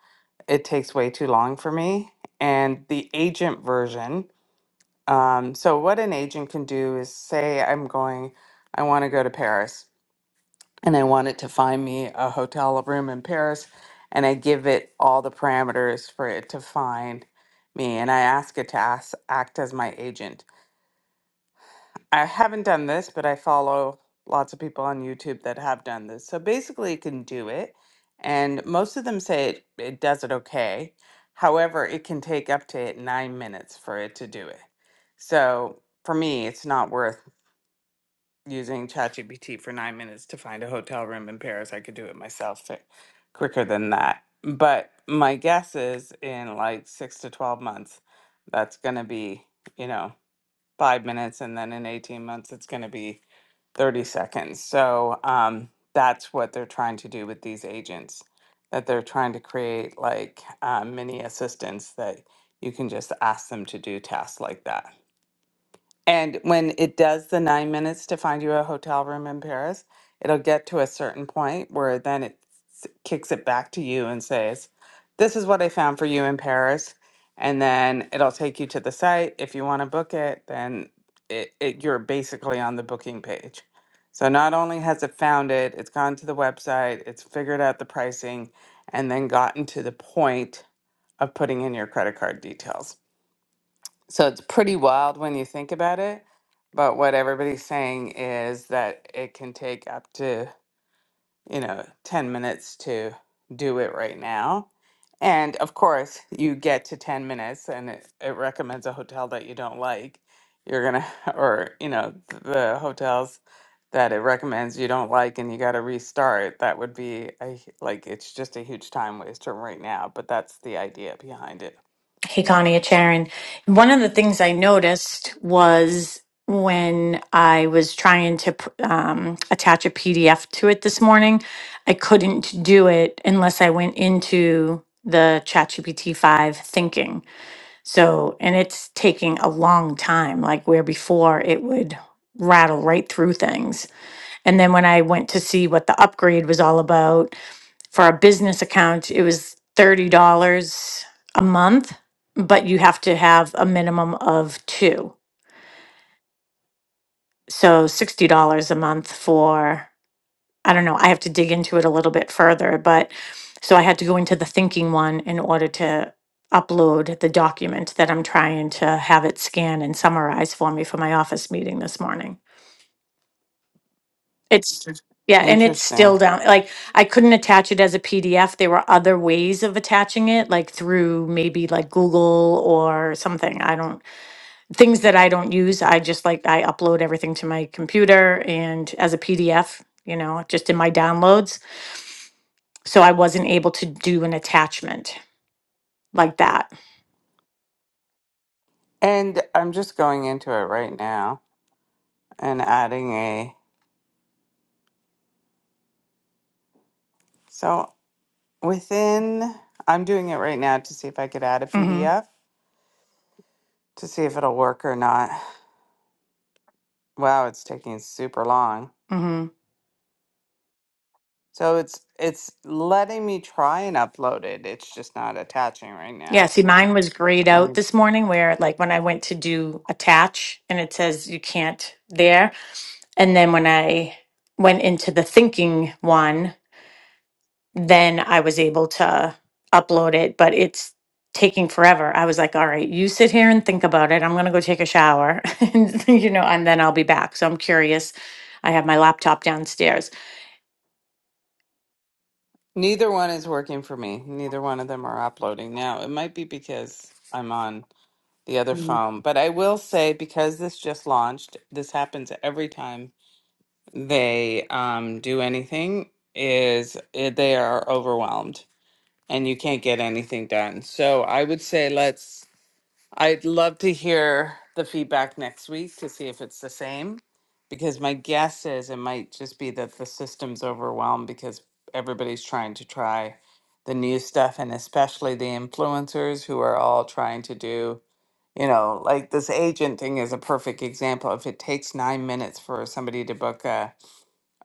it takes way too long for me. And the agent version, um, so what an agent can do is say, I'm going, I want to go to Paris and I want it to find me a hotel room in Paris. And I give it all the parameters for it to find me. And I ask it to ask, act as my agent I haven't done this, but I follow lots of people on YouTube that have done this. So basically, you can do it, and most of them say it, it does it okay. However, it can take up to nine minutes for it to do it. So for me, it's not worth using ChatGPT for nine minutes to find a hotel room in Paris. I could do it myself fi- quicker than that. But my guess is in like six to 12 months, that's going to be, you know five minutes and then in 18 months it's going to be 30 seconds so um, that's what they're trying to do with these agents that they're trying to create like uh, mini assistants that you can just ask them to do tasks like that and when it does the nine minutes to find you a hotel room in Paris, it'll get to a certain point where then it s- kicks it back to you and says, This is what I found for you in Paris. And then it'll take you to the site. If you want to book it, then it, it, you're basically on the booking page. So not only has it found it, it's gone to the website, it's figured out the pricing, and then gotten to the point of putting in your credit card details. So it's pretty wild when you think about it. But what everybody's saying is that it can take up to, you know, 10 minutes to do it right now. And of course, you get to 10 minutes and it, it recommends a hotel that you don't like. You're going to, (laughs) or, you know, th- the hotels that it recommends you don't like and you got to restart. That would be a, hu- like, it's just a huge time waster right now. But that's the idea behind it. Hey, Connie, it's Sharon. One of the things I noticed was when I was trying to p- um, attach a PDF to it this morning, I couldn't do it unless I went into the ChatGPT 5 thinking. So, and it's taking a long time, like where before it would rattle right through things. And then when I went to see what the upgrade was all about, for our business account, it was $30 a month, but you have to have a minimum of two. So $60 a month for, I don't know, I have to dig into it a little bit further, but so I had to go into the thinking one in order to upload the document that I'm trying to have it scan and summarize for me for my office meeting this morning. It's, yeah, and it's Interesting. still down, like, I couldn't attach it as a PDF. There were other ways of attaching it, like through maybe like Google or something. I don't, things that I don't use, I just like, I upload everything to my computer and as a PDF, you know, just in my downloads. So I wasn't able to do an attachment like that. And I'm just going into it right now and adding a. So within, I'm doing it right now to see if I could add a Mm-hmm. PDF to see if it'll work or not. Wow, it's taking super long. Mm-hmm. So it's it's letting me try and upload it. It's just not attaching right Yeah, now. see, mine was So grayed let me. out this morning where like when I went to do attach and it says you can't there. And then when I went into the thinking one, then I was able to upload it, but it's taking forever. I was like, all right, you sit here and think about it. I'm going to go take a shower, (laughs) and, you know, and then I'll be back. So I'm curious. I have my laptop downstairs. Neither one is working for me. Neither one of them are uploading now. It might be because I'm on the other Mm, phone, but I will say because this just launched, this happens every time they um, do anything is eh, they are overwhelmed and you can't get anything done. So I would say let's, I'd love to hear the feedback next week to see if it's the same because my guess is it might just be that the system's overwhelmed because everybody's trying to try the new stuff and especially the influencers who are all trying to do you know like this agent thing is a perfect example if it takes nine minutes for somebody to book a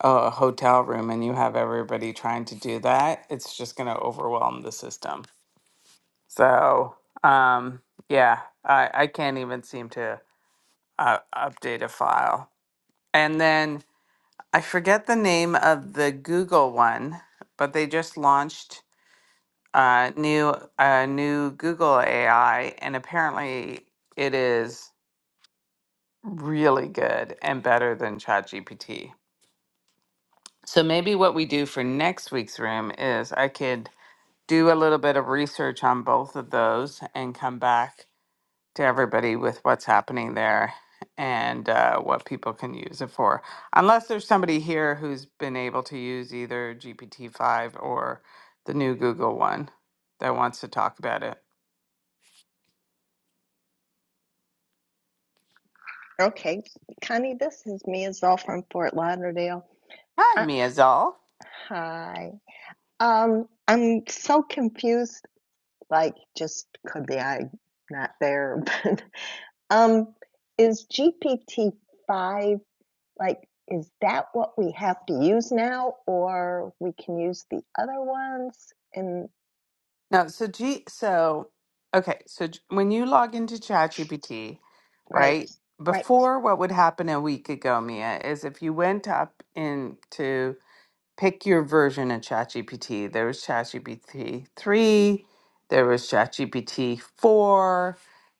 a hotel room and you have everybody trying to do that, it's just going to overwhelm the system. So, um, yeah, I, I can't even seem to uh, update a file. And then I forget the name of the Google one, but they just launched a new a new Google AI, and apparently it is really good and better than ChatGPT. So maybe what we do for next week's room is I could do a little bit of research on both of those and come back to everybody with what's happening there and uh, what people can use it for. Unless there's somebody here who's been able to use either GPT-5 or the new Google one that wants to talk about it. Okay, Connie, this is me all from Fort Lauderdale. Hi, Uh, Miazal. hi. Um, I'm so confused, like just could be I not there, (laughs) but um, is GPT five like is that what we have to use now, or we can use the other ones? And No, so G, so okay, so j- when you log into ChatGPT, right, right? right, Before, what would happen a week ago, Mia, is if you went up into pick your version of ChatGPT. There was ChatGPT 3, there was ChatGPT 4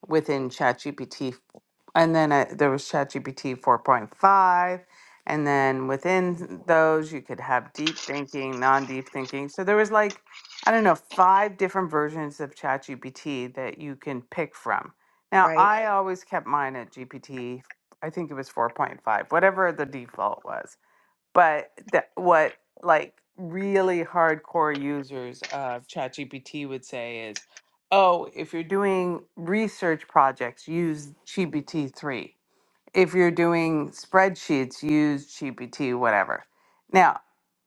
within ChatGPT, and then uh, there was ChatGPT 4.5. And then within those, you could have deep thinking, non deep thinking. So there was like, I don't know, five different versions of ChatGPT that you can pick from. Now, right, I always kept mine at GPT, I think it was 4.5, whatever the default was but that what like really hardcore users of ChatGPT would say is, oh, if you're doing research projects, use GPT three. If you're doing spreadsheets, use GPT whatever. Now,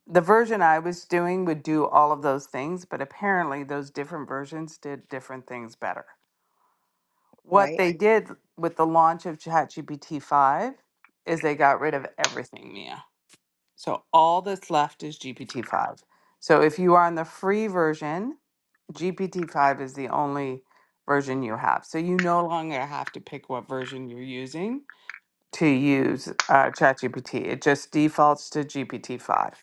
the version I was doing would do all of those things, but apparently those different versions did different things better. What right. they did with the launch of ChatGPT five is they got rid of everything, Mia so all that's left is GPT-5. So if you are on the free version, GPT-5 is the only version you have. So you no longer have to pick what version you're using to use uh, ChatGPT. It just defaults to GPT-5.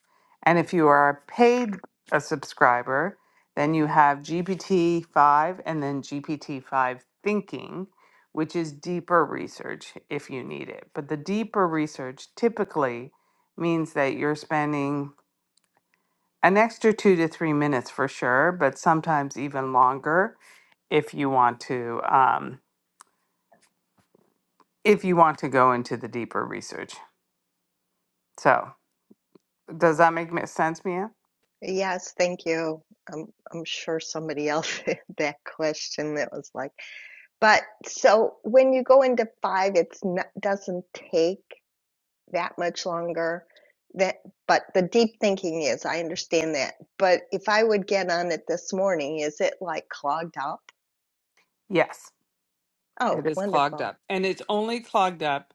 And if you are a paid a subscriber, then you have GPT-5 and then GPT-5 Thinking, which is deeper research if you need it. But the deeper research typically means that you're spending an extra two to three minutes for sure, but sometimes even longer if you want to um, if you want to go into the deeper research. So Does that make ma- sense, Mia? Yes, thank you. I'm I'm sure somebody else (laughs) had that question that was like. But so when you go into 5, it's no doesn't take that much longer. That but the deep thinking is, I understand that. But if I would get on it this morning, is it, like, clogged up? Yes, it Oh, is clogged wonderful. up. And it's only clogged up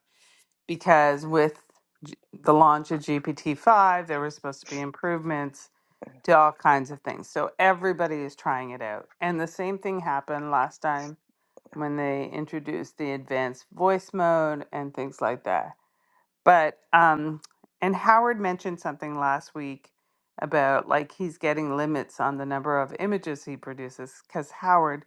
because with G- the launch of GPT-5, there were supposed to be improvements to all kinds of things. So everybody is trying it out. And the same thing happened last time when they introduced the advanced voice mode and things like that. But um and Howard mentioned something last week about like he's getting limits on the number of images he produces cuz Howard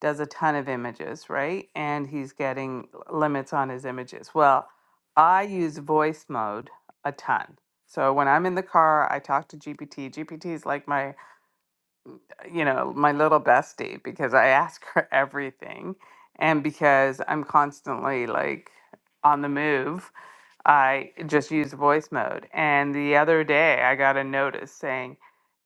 does a ton of images, right? And he's getting limits on his images. Well, I use voice mode a ton. So when I'm in the car, I talk to GPT. GPT is like my you know, my little bestie because I ask her everything. And because I'm constantly like on the move, I just use voice mode. And the other day I got a notice saying,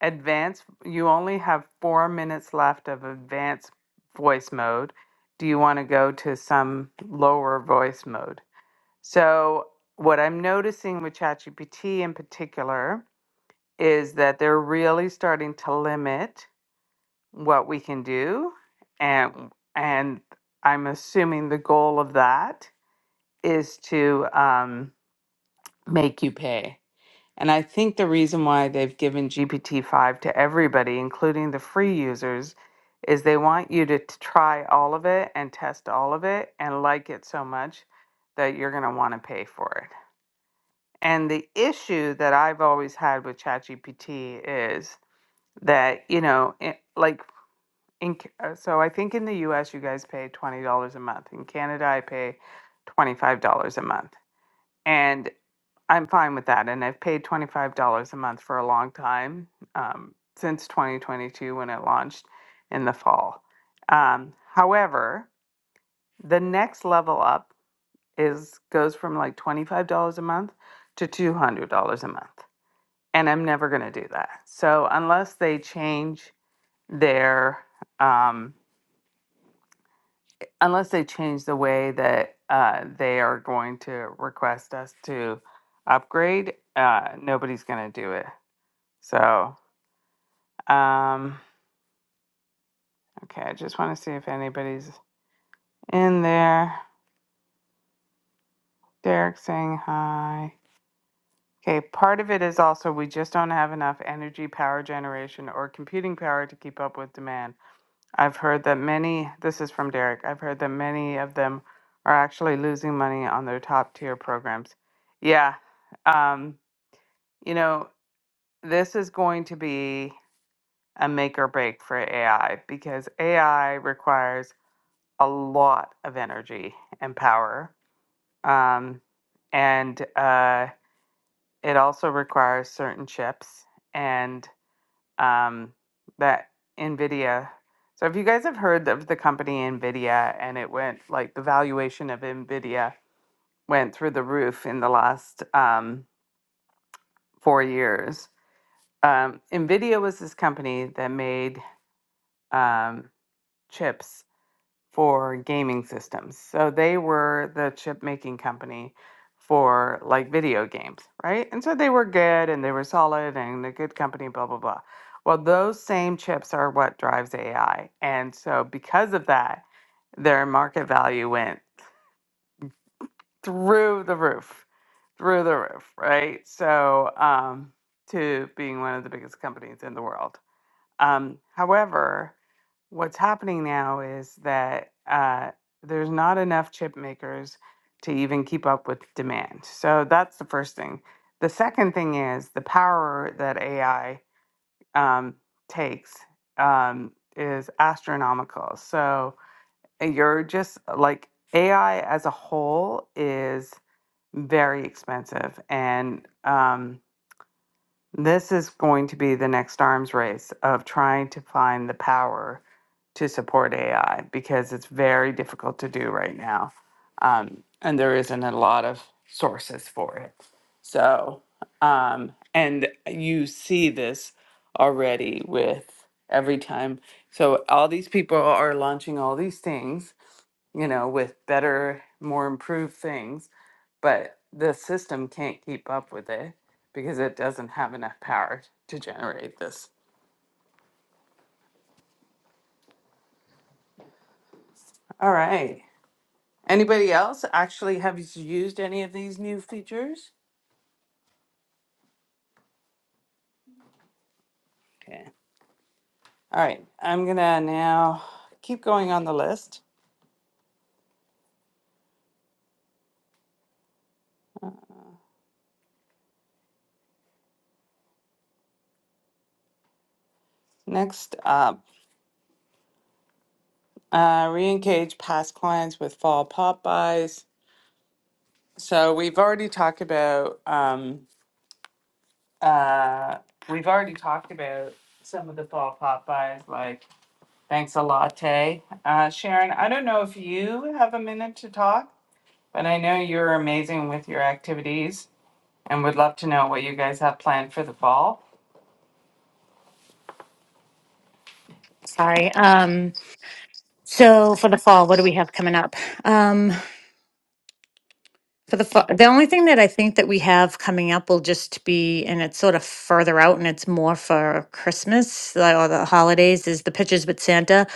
advanced, you only have four minutes left of advanced voice mode. Do you want to go to some lower voice mode? So, what I'm noticing with ChatGPT in particular is that they're really starting to limit what we can do and and i'm assuming the goal of that is to um, make you pay and i think the reason why they've given gpt-5 to everybody including the free users is they want you to t- try all of it and test all of it and like it so much that you're going to want to pay for it and the issue that i've always had with chatgpt is that you know it, like In, Ca- uh, so I think in the US you guys pay $20 a month. In Canada I pay $25 a month. And I'm fine with that. And I've paid $25 a month for a long time, um, since 2022 when it launched in the fall. Um, however, the next level up is goes from like $25 a month to $200 a month. And I'm never going to do that. So unless they change their um, unless they change the way that uh, they are going to request us to upgrade, uh, nobody's going to do it. So, um, okay, I just want to see if anybody's in there. Derek saying hi. Okay, part of it is also we just don't have enough energy power generation or computing power to keep up with demand. I've heard that many, this is from Derek, I've heard that many of them are actually losing money on their top tier programs. Yeah, um, you know, this is going to be a make or break for AI because AI requires a lot of energy and power. Um, and uh, it also requires certain chips and um, that NVIDIA. So, if you guys have heard of the company NVIDIA and it went like the valuation of NVIDIA went through the roof in the last um, four years, um, NVIDIA was this company that made um, chips for gaming systems. So they were the chip making company for like video games, right? And so they were good and they were solid and a good company, blah, blah, blah. Well, those same chips are what drives AI. And so because of that, their market value went through the roof, through the roof, right? So, um, to being one of the biggest companies in the world. Um, however, what's happening now is that uh, there's not enough chip makers to even keep up with demand. So that's the first thing. The second thing is the power that AI um, takes um, is astronomical. So you're just uh, like AI as a whole is very expensive. And um, this is going to be the next arms race of trying to find the power to support AI because it's very difficult to do right now. Um, and there isn't a lot of sources for it. So, um, and you see this already with every time. So, all these people are launching all these things, you know, with better, more improved things, but the system can't keep up with it because it doesn't have enough power to generate this. All right. Anybody else actually have used any of these new features? Okay. All right. I'm gonna now keep going on the list. Next up, uh, re-engage past clients with fall pop buys. So we've already talked about um, uh, we've already talked about some of the fall pop buys like thanks a latte. Uh, Sharon, I don't know if you have a minute to talk, but I know you're amazing with your activities. and would love to know what you guys have planned for the fall. Sorry. Um, so for the fall, what do we have coming up? Um, For the fa- the only thing that I think that we have coming up will just be, and it's sort of further out, and it's more for Christmas like, or the holidays, is the pictures with Santa.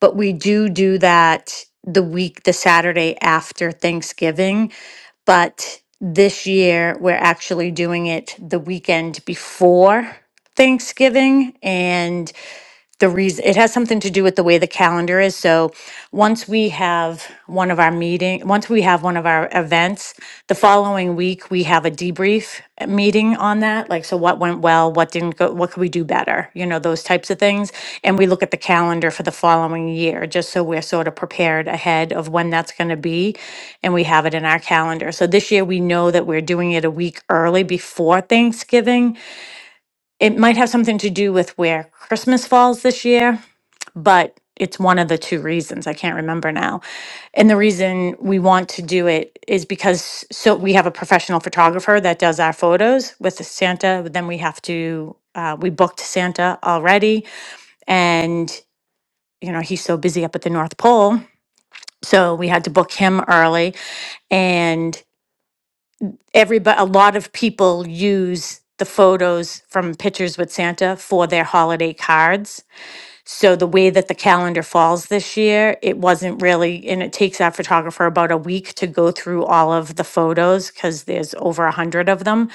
But we do do that the week, the Saturday after Thanksgiving. But this year, we're actually doing it the weekend before Thanksgiving, and the reason it has something to do with the way the calendar is so once we have one of our meeting once we have one of our events the following week we have a debrief uh, meeting on that like so what went well what didn't go what could we do better you know those types of things and we look at the calendar for the following year just so we're sort of prepared ahead of when that's going to be and we have it in our calendar so this year we know that we're doing it a week early before thanksgiving it might have something to do with where Christmas falls this year but it's one of the two reasons. I can't remember now. And the reason we want to do it is because so we have a professional photographer that does our photos with the Santa. But then we have to uh, we booked Santa already, and you know he's so busy up at the North Pole, so we had to book him early. And everybody, a lot of people use the photos from pictures with Santa for their holiday cards So the way that the calendar falls this year, it wasn't really, and it takes that photographer about a week to go through all of the photos because there's over a hundred of them.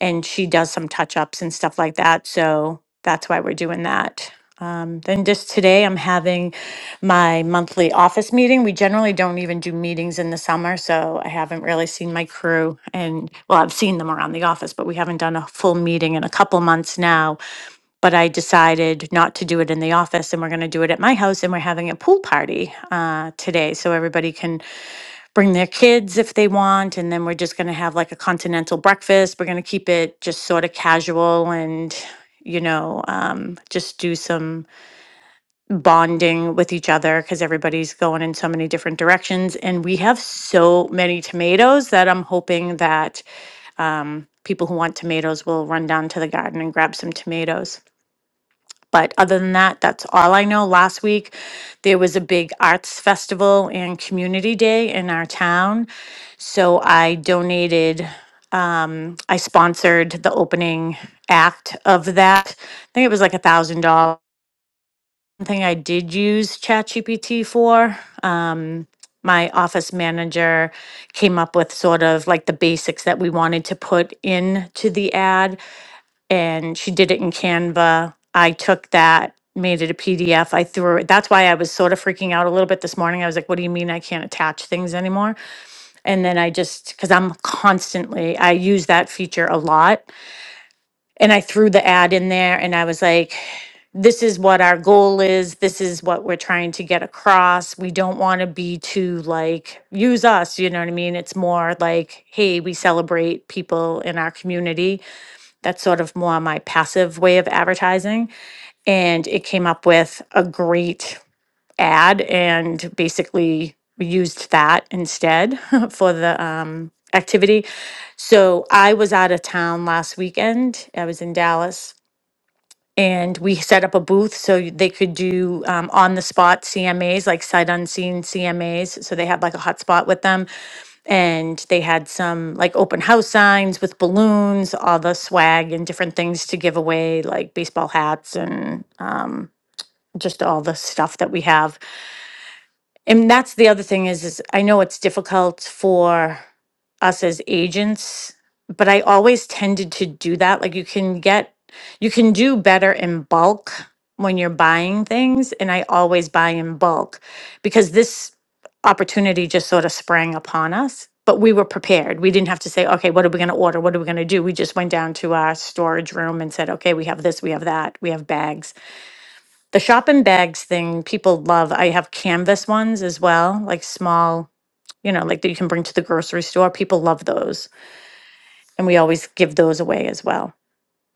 And she does some touch ups and stuff like that. So that's why we're doing that. Um, then just today, I'm having my monthly office meeting. We generally don't even do meetings in the summer, so I haven't really seen my crew. And well, I've seen them around the office, but we haven't done a full meeting in a couple months now but I decided not to do it in the office and we're going to do it at my house and we're having a pool party uh, today. So everybody can bring their kids if they want. And then we're just going to have like a continental breakfast. We're going to keep it just sort of casual and, you know, um, just do some bonding with each other because everybody's going in so many different directions. And we have so many tomatoes that I'm hoping that um, people who want tomatoes will run down to the garden and grab some tomatoes. But other than that, that's all I know. Last week, there was a big arts festival and community day in our town. So I donated, um, I sponsored the opening act of that. I think it was like a thousand dollars. One thing I did use ChatGPT for, um, my office manager came up with sort of like the basics that we wanted to put into the ad and she did it in Canva. I took that, made it a PDF. I threw it. That's why I was sort of freaking out a little bit this morning. I was like, what do you mean I can't attach things anymore? And then I just, because I'm constantly, I use that feature a lot. And I threw the ad in there and I was like, this is what our goal is. This is what we're trying to get across. We don't want to be too like, use us, you know what I mean? It's more like, hey, we celebrate people in our community that's sort of more my passive way of advertising. And it came up with a great ad and basically used that instead (laughs) for the um, activity. So I was out of town last weekend. I was in Dallas and we set up a booth so y- they could do um, on the spot CMAs, like sight unseen CMAs. So they had like a hotspot with them and they had some like open house signs with balloons, all the swag and different things to give away, like baseball hats and um, just all the stuff that we have. And that's the other thing is, is I know it's difficult for us as agents, but I always tended to do that. Like you can get, you can do better in bulk when you're buying things. And I always buy in bulk because this opportunity just sort of sprang upon us. But we were prepared. We didn't have to say, okay, what are we going to order? What are we going to do? We just went down to our storage room and said, okay, we have this, we have that, we have bags the shopping bags thing people love. I have canvas ones as well, like small, you know, like that you can bring to the grocery store. People love those. And we always give those away as well.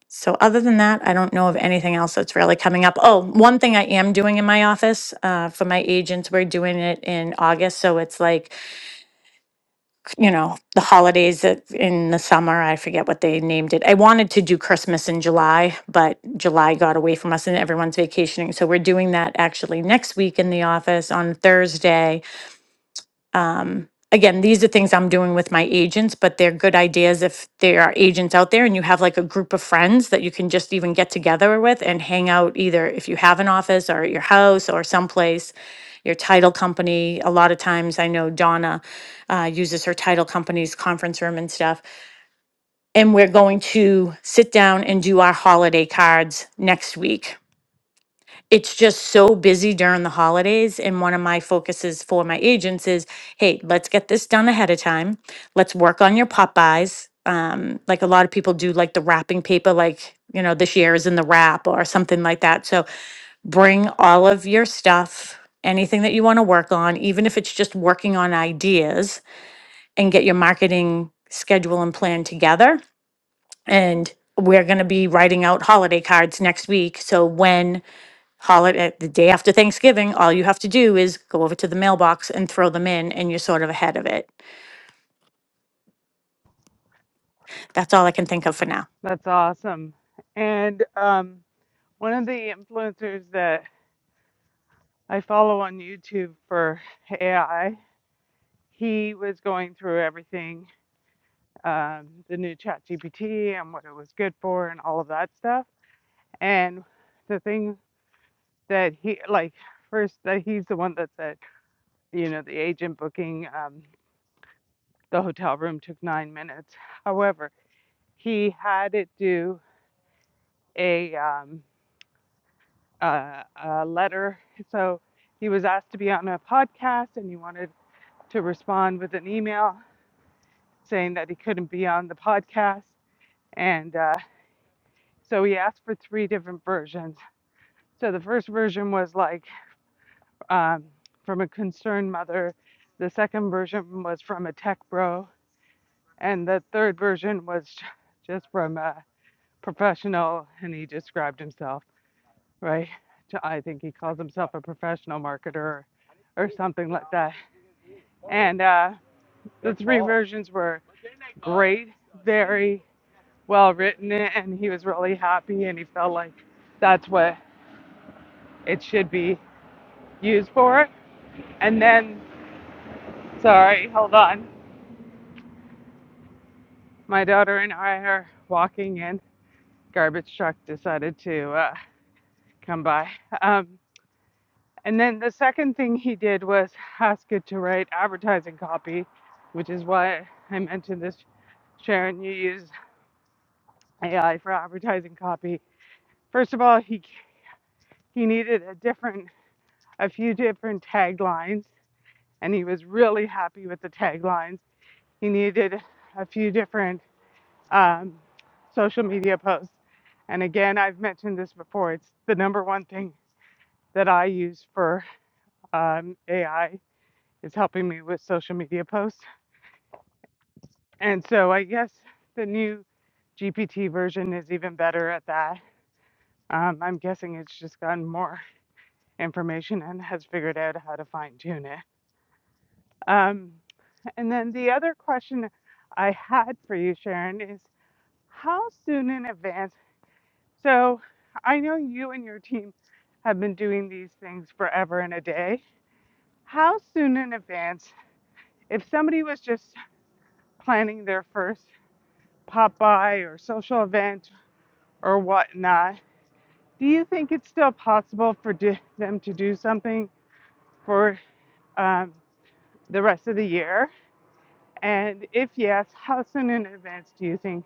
So, other than that, I don't know of anything else that's really coming up. Oh, one thing I am doing in my office uh, for my agents, we're doing it in August. So, it's like you know, the holidays that in the summer, I forget what they named it. I wanted to do Christmas in July, but July got away from us and everyone's vacationing. So we're doing that actually next week in the office on Thursday um, again, these are things I'm doing with my agents, but they're good ideas if there are agents out there and you have like a group of friends that you can just even get together with and hang out either if you have an office or at your house or someplace. Your title company. A lot of times, I know Donna uh, uses her title company's conference room and stuff. And we're going to sit down and do our holiday cards next week it's just so busy during the holidays. And one of my focuses for my agents is hey, let's get this done ahead of time. Let's work on your Popeyes. Um, like a lot of people do, like the wrapping paper, like, you know, this year is in the wrap or something like that. So bring all of your stuff, anything that you want to work on, even if it's just working on ideas, and get your marketing schedule and plan together. And we're going to be writing out holiday cards next week. So when holiday, the day after Thanksgiving, all you have to do is go over to the mailbox and throw them in, and you're sort of ahead of it. That's all I can think of for now. That's awesome. And um, one of the influencers that I follow on YouTube for AI, he was going through everything, um, the new ChatGPT and what it was good for and all of that stuff. And the thing that he, like, first, that he's the one that said, you know, the agent booking um, the hotel room took nine minutes. However, he had it do a um, a, a letter. So he was asked to be on a podcast and he wanted to respond with an email saying that he couldn't be on the podcast. And uh, so he asked for three different versions. So the first version was like um, from a concerned mother, the second version was from a tech bro, and the third version was just from a professional and he described himself, right? I think he calls himself a professional marketer or or something like that. and uh, the three versions were great, very well written, and he was really happy, and he felt like that's what it should be used for. And then, sorry, hold on. My daughter and I are walking in. Garbage truck decided to uh, come by. Um, and then the second thing he did was ask it to write advertising copy, which is why I mentioned this Sharon, you use AI for advertising copy. First of all, he He needed a different, a few different taglines, and he was really happy with the taglines. He needed a few different um, social media posts. And again, I've mentioned this before. It's the number one thing that I use for um, AI is helping me with social media posts. And so I guess the new GPT version is even better at that. Um, I'm guessing it's just more information and has figured out how to find it. Um, And then the other question I had for you, Sharon, is how soon in advance? So I know you and your team have been doing these things forever and a day. How soon in advance, if somebody was just planning their first pop by or social event or whatnot, do you think it's still possible for di- them to do something for um, the rest of the year? And if yes, how soon in advance do you think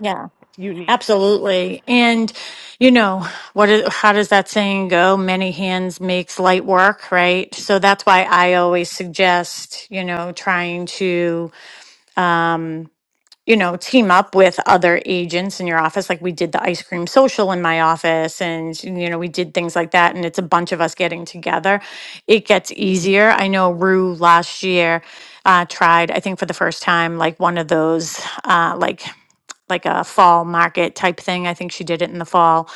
Yeah, you need? Absolutely. And you know, what is, how does that saying go? Many hands makes light work, right? So that's why I always suggest, you know, trying to you know, team up with other agents in your office. Like we did the ice cream social in my office, and you know, we did things like that. And it's a bunch of us getting together. It gets easier. I know Rue last year uh, tried, I think for the first time, like one of those uh, like like a fall market type thing. I think she did it in the fall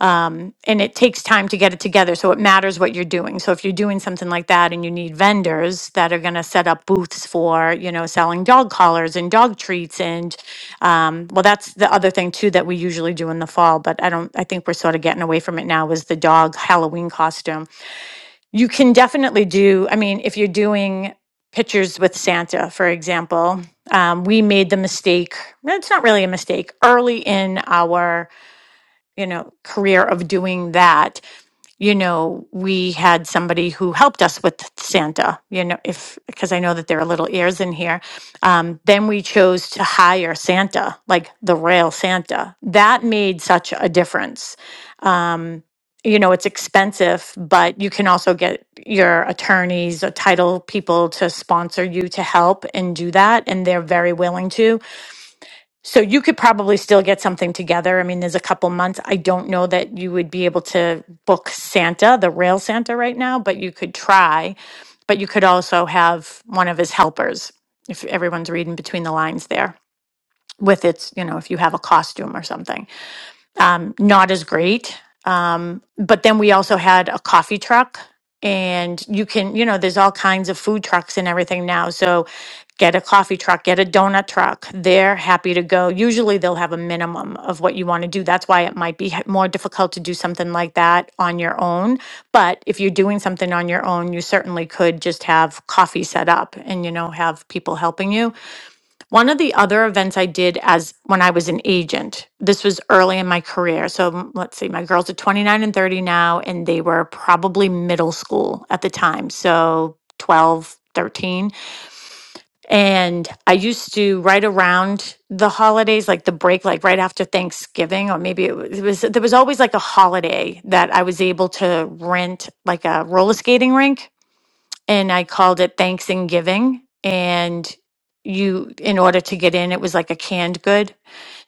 um, and it takes time to get it together. So it matters what you're doing. So if you're doing something like that and you need vendors that are going to set up booths for, you know, selling dog collars and dog treats, and um, well, that's the other thing too that we usually do in the fall, but I don't, I think we're sort of getting away from it now is the dog Halloween costume. You can definitely do, I mean, if you're doing pictures with Santa, for example, um, we made the mistake, it's not really a mistake, early in our you know, career of doing that, you know, we had somebody who helped us with Santa, you know, if because I know that there are little ears in here. Um, then we chose to hire Santa, like the real Santa. That made such a difference. Um, you know, it's expensive, but you can also get your attorneys or title people to sponsor you to help and do that. And they're very willing to. So you could probably still get something together. I mean, there's a couple months. I don't know that you would be able to book Santa, the real Santa, right now, but you could try. But you could also have one of his helpers, if everyone's reading between the lines there, with its, you know, if you have a costume or something um, not as great. Um, but then we also had a coffee truck, and you can, you know, there's all kinds of food trucks and everything now. So get a coffee truck, get a donut truck. They're happy to go. Usually they'll have a minimum of what you want to do. That's why it might be h- more difficult to do something like that on your own. But if you're doing something on your own, you certainly could just have coffee set up and, you know, have people helping you one of the other events I did as when I was an agent, this was early in my career. So mm, let's see, my girls are 29 and 30 now, and they were probably middle school at the time. So 12, 13. And I used to, right around the holidays, like the break, like right after Thanksgiving, or maybe it was, it was there was always like a holiday that I was able to rent like a roller skating rink and I called it Thanks and Giving. And you, in order to get in, it was like a canned good.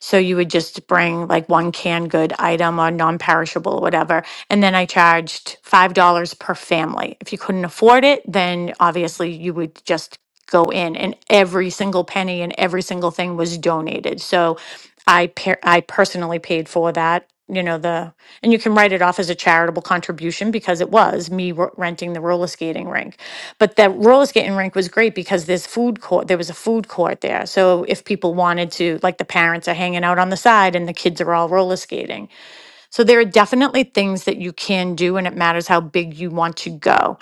So you would just bring like one canned good item or non perishable, whatever and then I charged $5 per family. If you couldn't afford it, then obviously you would just go in and every single penny and every single thing was donated. So I per- I personally paid for that, you know, the and you can write it off as a charitable contribution because it was me r- renting the roller skating rink. But that roller skating rink was great because there's food court. There was a food court there, so if people wanted to, like the parents are hanging out on the side and the kids are all roller skating. So there are definitely things that you can do, and it matters how big you want to go.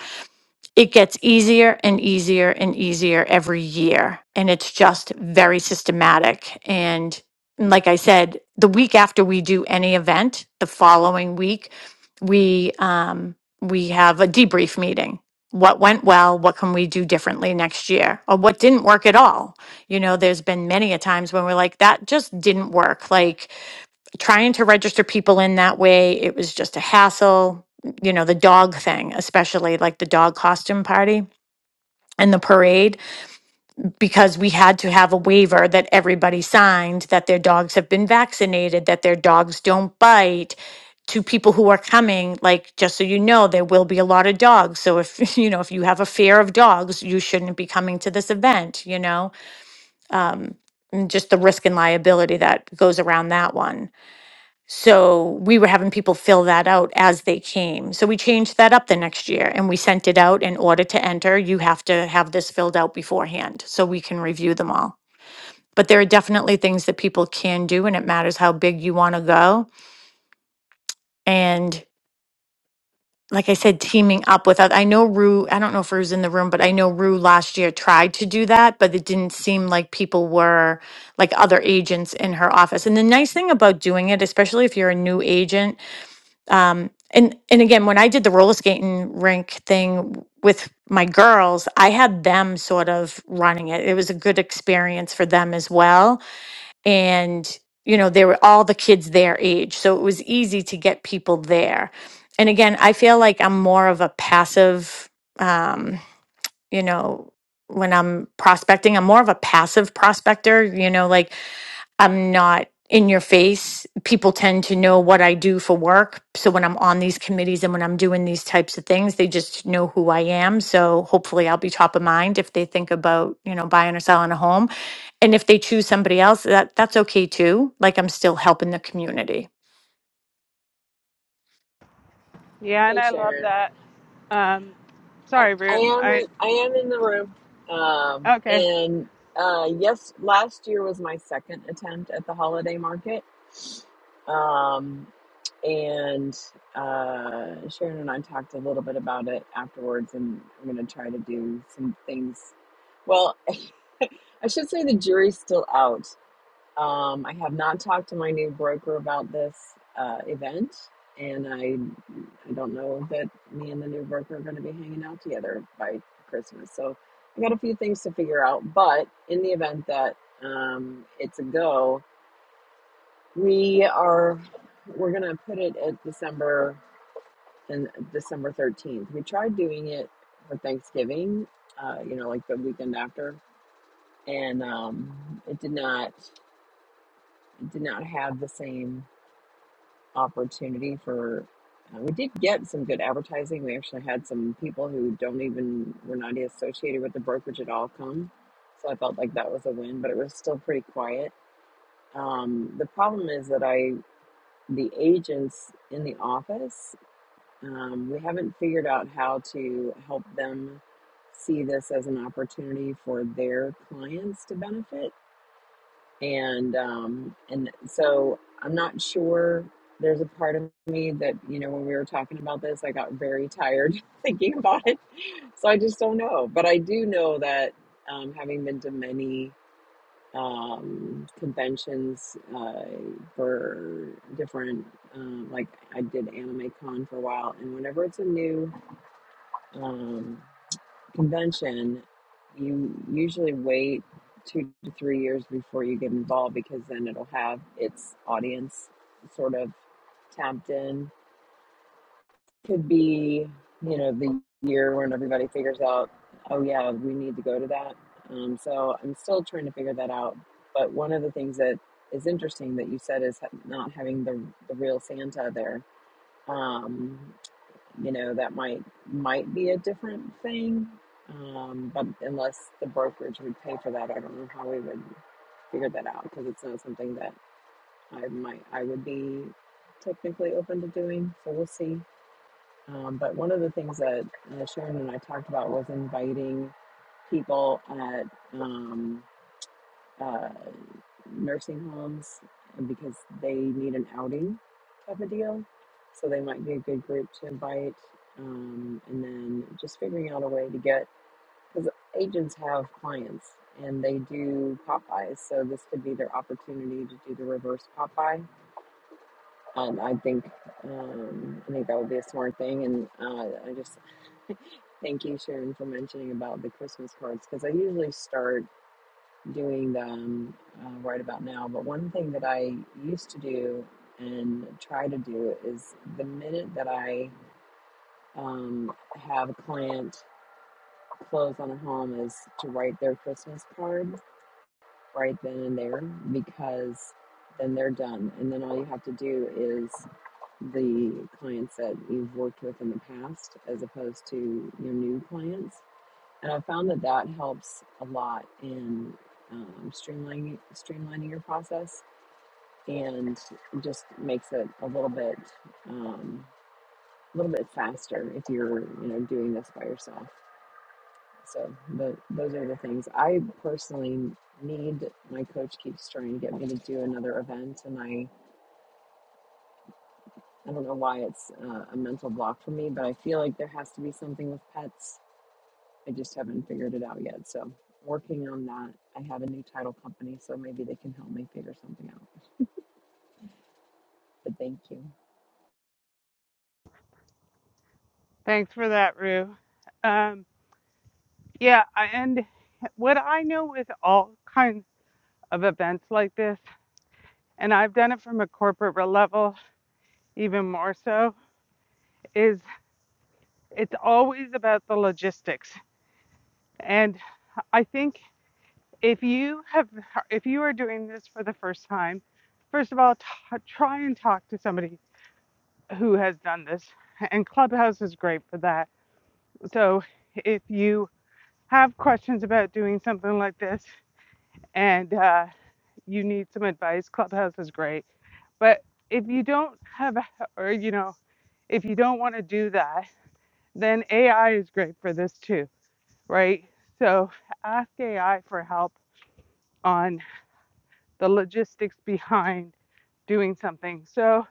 It gets easier and easier and easier every year, and it's just very systematic. And like I said, the week after we do any event, the following week, we um, we have a debrief meeting. What went well? What can we do differently next year? Or what didn't work at all? You know, there's been many a times when we're like, that just didn't work. Like, trying to register people in that way, it was just a hassle. You know, the dog thing, especially like the dog costume party and the parade, because we had to have a waiver that everybody signed that their dogs have been vaccinated, that their dogs don't bite. To people who are coming, like, just so you know, there will be a lot of dogs. So if, (laughs) you know, if you have a fear of dogs, you shouldn't be coming to this event, you know? Um, and just the risk and liability that goes around that one. So we were having people fill that out as they came. So we changed that up the next year and we sent it out in order to enter. You have to have this filled out beforehand so we can review them all. But there are definitely things that people can do and it matters how big you want to go. And like I said, teaming up with oth- I know Rue, I don't know if Rue's in the room, but I know Rue last year tried to do that, but it didn't seem like people were like other agents in her office. And the nice thing about doing it, especially if you're a new agent, um and and again when i did the roller skating rink thing with my girls i had them sort of running it it was a good experience for them as well and you know they were all the kids their age so it was easy to get people there and again i feel like i'm more of a passive um you know when i'm prospecting i'm more of a passive prospector you know like I'm not in your face. People tend to know what I do for work. So when I'm on these committees and when I'm doing these types of things, they just know who I am. So hopefully I'll be top of mind if they think about, you know, buying or selling a home. And if they choose somebody else, that that's okay too. Like I'm still helping the community. Yeah, and Hey I love Sharon, that. Um, I, sorry, I Rue. am I in, I am in the room, um, okay. and uh, yes, last year was my second attempt at the holiday market, um, and uh, Sharon and I talked a little bit about it afterwards, and I'm going to try to do some things. Well, (laughs) I should say the jury's still out Um, I have not talked to my new broker about this uh, event, and I I don't know that me and the new broker are going to be hanging out together by Christmas. So I got a few things to figure out. But in the event that um, it's a go, we are we're going to put it at December and December thirteenth. We tried doing it for Thanksgiving, uh, you know, like the weekend after, and um, it did not it did not have the same. opportunity for uh, we did get some good advertising we actually had some people who don't even were not associated with the brokerage at all come so i felt like that was a win but it was still pretty quiet um, the problem is that i the agents in the office um, we haven't figured out how to help them see this as an opportunity for their clients to benefit and um and so i'm not sure there's a part of me that you know when we were talking about this i got very tired (laughs) thinking about it so i just don't know but i do know that um, having been to many um, conventions uh, for different um, like i did anime con for a while and whenever it's a new um, convention, you usually wait two to three years before you get involved because then it'll have its audience sort of tapped in. Could be, you know, the year when everybody figures out, oh, yeah, we need to go to that. Um, so I'm still trying to figure that out. But one of the things that is interesting that you said is ha- not having the, the real Santa there. Um, you know that might might be a different thing um, but unless the brokerage would pay for that i don't know how we would figure that out because it's not something that i might i would be technically open to doing so we'll see um, but one of the things that uh, sharon and i talked about was inviting people at um, uh, nursing homes because they need an outing type of deal. So they might be a good group to invite. Um, and then just figuring out a way to get, because agents have clients and they do Popeyes. So this could be their opportunity to do the reverse Popeye. And I think, um, I think that would be a smart thing. And uh, I just (laughs) thank you, Sharon, for mentioning about the Christmas cards because I usually start doing them uh, right about now. But one thing that I used to do and try to do is the minute that I um, have a client close on a home is to write their Christmas card right then and there because then they're done. And then all you have to do is the clients that you've worked with in the past as opposed to your new clients and I found that that helps a lot in um, streamlining streamlining your process and just makes it a little bit um, a little bit faster if you're you know doing this by yourself. So the, those are the things I personally need. My coach keeps trying to get me to do another event, and I I don't know why it's uh, a mental block for me, but I feel like there has to be something with pets I just haven't figured it out yet. So working on that. I have a new title company, so maybe they can help me figure something out. But thank you. Thanks for that, Rue. Um, yeah, I- and what I know with all kinds of events like this, and I've done it from a corporate re- level even more so, is it's always about the logistics. And I think if you have, if you are doing this for the first time, first of all, t- try and talk to somebody who has done this. And Clubhouse is great for that. So if you have questions about doing something like this and uh, you need some advice, Clubhouse is great. But if you don't have, a, or you know, if you don't want to do that, then AI is great for this too, right? So ask AI for help on the logistics behind doing something. So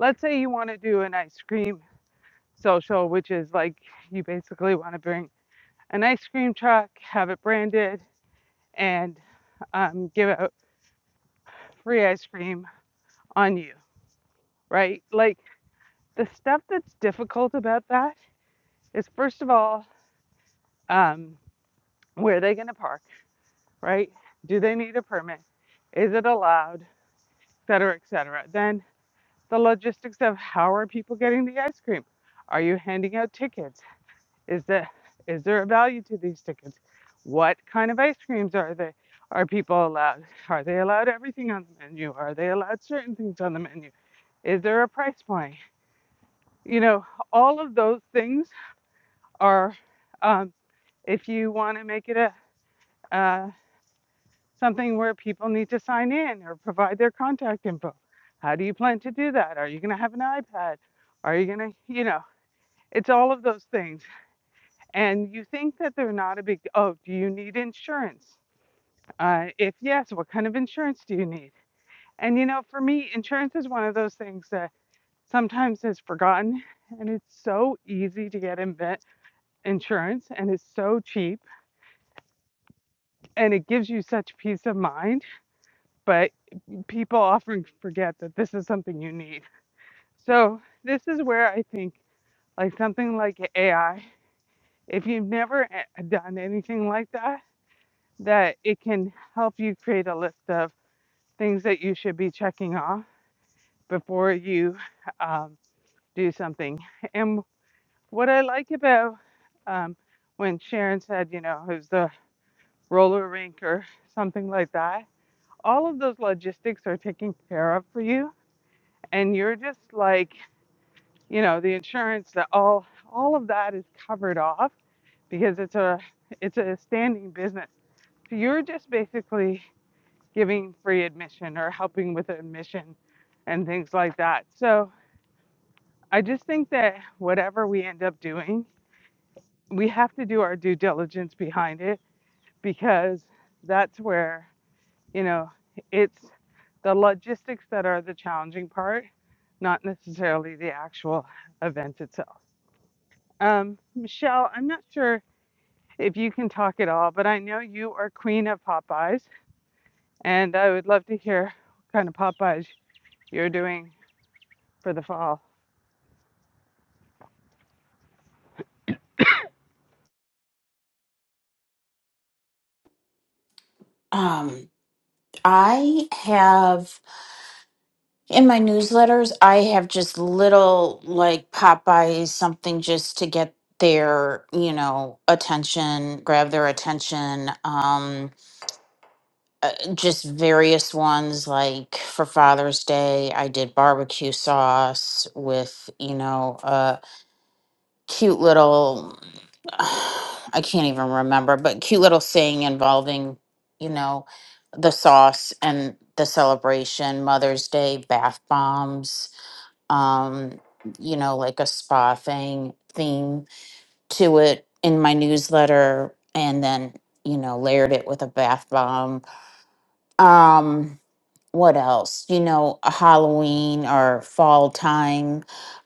let's say you want to do an ice cream social, which is like you basically want to bring an ice cream truck, have it branded, and um, give out free ice cream on you, right? Like the stuff that's difficult about that is first of all, um, where are they going to park, right? Do they need a permit? Is it allowed, et cetera, et cetera? Then the logistics of how are people getting the ice cream? Are you handing out tickets? Is the there a value to these tickets? What kind of ice creams are they? Are people allowed? Are they allowed everything on the menu? Are they allowed certain things on the menu? Is there a price point? You know, all of those things are, um, if you want to make it a uh, something where people need to sign in or provide their contact info, how do you plan to do that? Are you going to have an iPad? Are you going to, you know, it's all of those things. And you think that they're not a big, oh, do you need insurance? Uh, if yes, what kind of insurance do you need? And, you know, for me, insurance is one of those things that sometimes is forgotten and it's so easy to get in insurance and it's so cheap and it gives you such peace of mind, but people often forget that this is something you need. So, this is where I think like something like AI, if you've never eh, done anything like that, that it can help you create a list of things that you should be checking off before you um, do something. And what I like about um, when Sharon said, you know, it was the roller rink or something like that, all of those logistics are taken care of for you and you're just like you know the insurance that all all of that is covered off because it's a it's a standing business so you're just basically giving free admission or helping with admission and things like that so i just think that whatever we end up doing we have to do our due diligence behind it because that's where you know it's the logistics that are the challenging part not necessarily the actual event itself. Um, Michelle, I'm not sure if you can talk at all, but I know you are queen of Popeyes, and I would love to hear what kind of Popeyes you're doing for the fall. Um, I have in my newsletters, I have just little like Popeyes, something just to get their, you know, attention, grab their attention. Um, uh, just various ones like for Father's Day, I did barbecue sauce with, you know, uh, cute little (sighs) I can't even remember, but cute little thing involving, you know, the sauce and the celebration, Mother's Day, bath bombs, um, you know, like a spa thing theme to it in my newsletter and then, you know, layered it with a bath bomb. Um what else? You know, a Halloween or fall time.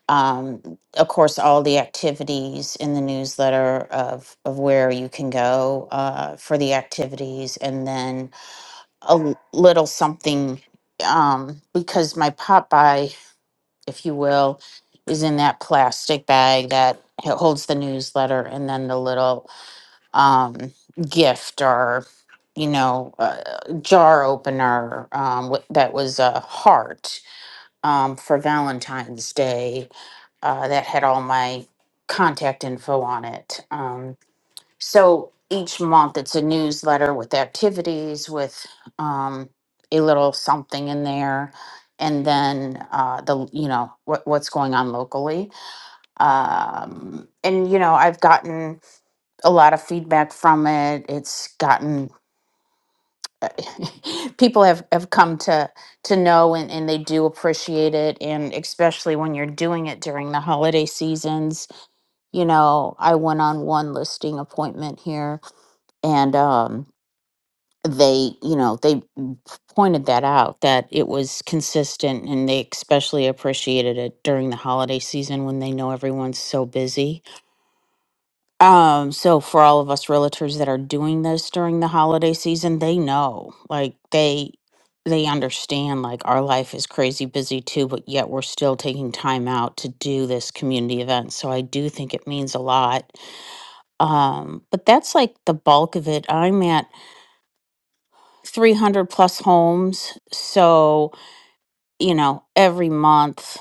Um, of course, all the activities in the newsletter of of where you can go uh, for the activities, and then a l- little something um, because my Popeye, if you will, is in that plastic bag that h- holds the newsletter, and then the little um, gift or you know a jar opener um, wi- that was a heart um, for valentine's day uh, that had all my contact info on it um, so each month it's a newsletter with activities with um, a little something in there and then uh, the you know what, what's going on locally um, and you know i've gotten a lot of feedback from it. It's gotten (laughs) people have, have come to to know and, and they do appreciate it and especially when you're doing it during the holiday seasons. You know, I went on one listing appointment here and um they, you know, they pointed that out that it was consistent and they especially appreciated it during the holiday season when they know everyone's so busy Um, so for all of us realtors that are doing this during the holiday season, they know, like they they understand like our life is crazy busy too, but yet we're still taking time out to do this community event. So I do think it means a lot. Um, but that's like the bulk of it. I'm at 300 plus homes, so you know, every month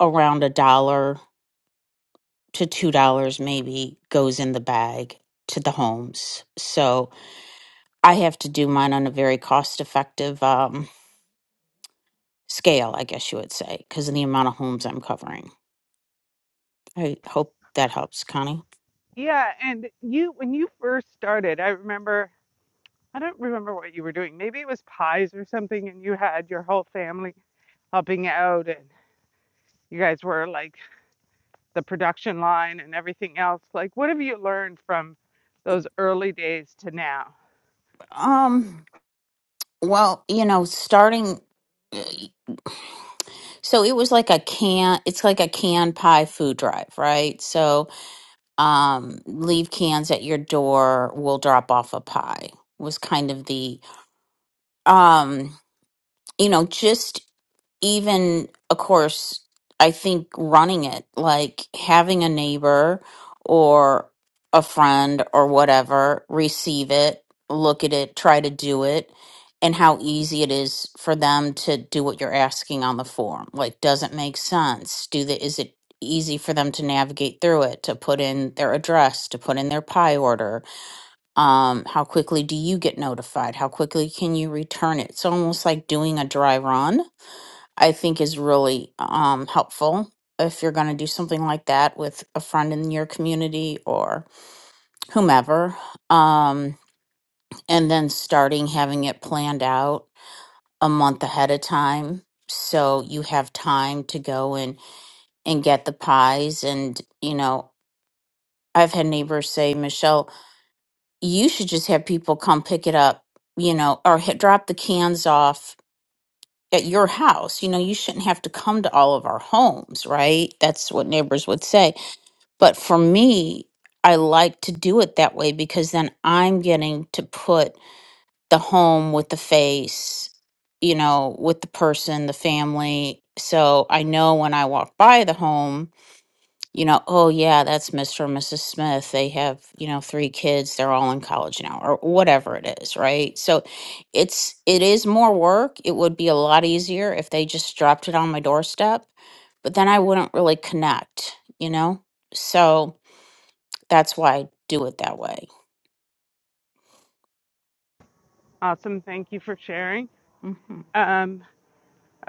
around a dollar to two dollars maybe goes in the bag to the homes. So I have to do mine on a very cost effective um, scale, I guess you would say, because of the amount of homes I'm covering. I hope that helps, Connie. Yeah, and you when you first started, I remember I don't remember what you were doing. Maybe it was pies or something, and you had your whole family helping out, and you guys were like the production line and everything else. Like, what have you learned from those early days to now? Um, well, you know, starting. eh, So it was like a can, it's like a can pie food drive, right? So um, leave cans at your door, we'll drop off a pie, was kind of the, um, you know, just even of course i think running it like having a neighbor or a friend or whatever receive it look at it try to do it and how easy it is for them to do what you're asking on the form like does it make sense do the is it easy for them to navigate through it to put in their address to put in their pie order um how quickly do you get notified how quickly can you return it it's almost like doing a dry run I think is really um, helpful if you're going to do something like that with a friend in your community or whomever. Um, and then starting having it planned out a month ahead of time so you have time to go and and get the pies and you know i've had neighbors say michelle you should just have people come pick it up you know or hit, drop the cans off at your house. You know, you shouldn't have to come to all of our homes, right? That's what neighbors would say. But for me, I like to do it that way because then I'm getting to put the home with the face, you know, with the person, the family. So I know when I walk by the home, you know, oh yeah, that's Mr. and Mrs. Smith. They have, you know, three kids. They're all in college now or whatever it is, right? So it's it is more work. It would be a lot easier if they just dropped it on my doorstep, but then I wouldn't really connect, you know? So that's why I do it that way. Awesome. Thank you for sharing. hmm Um,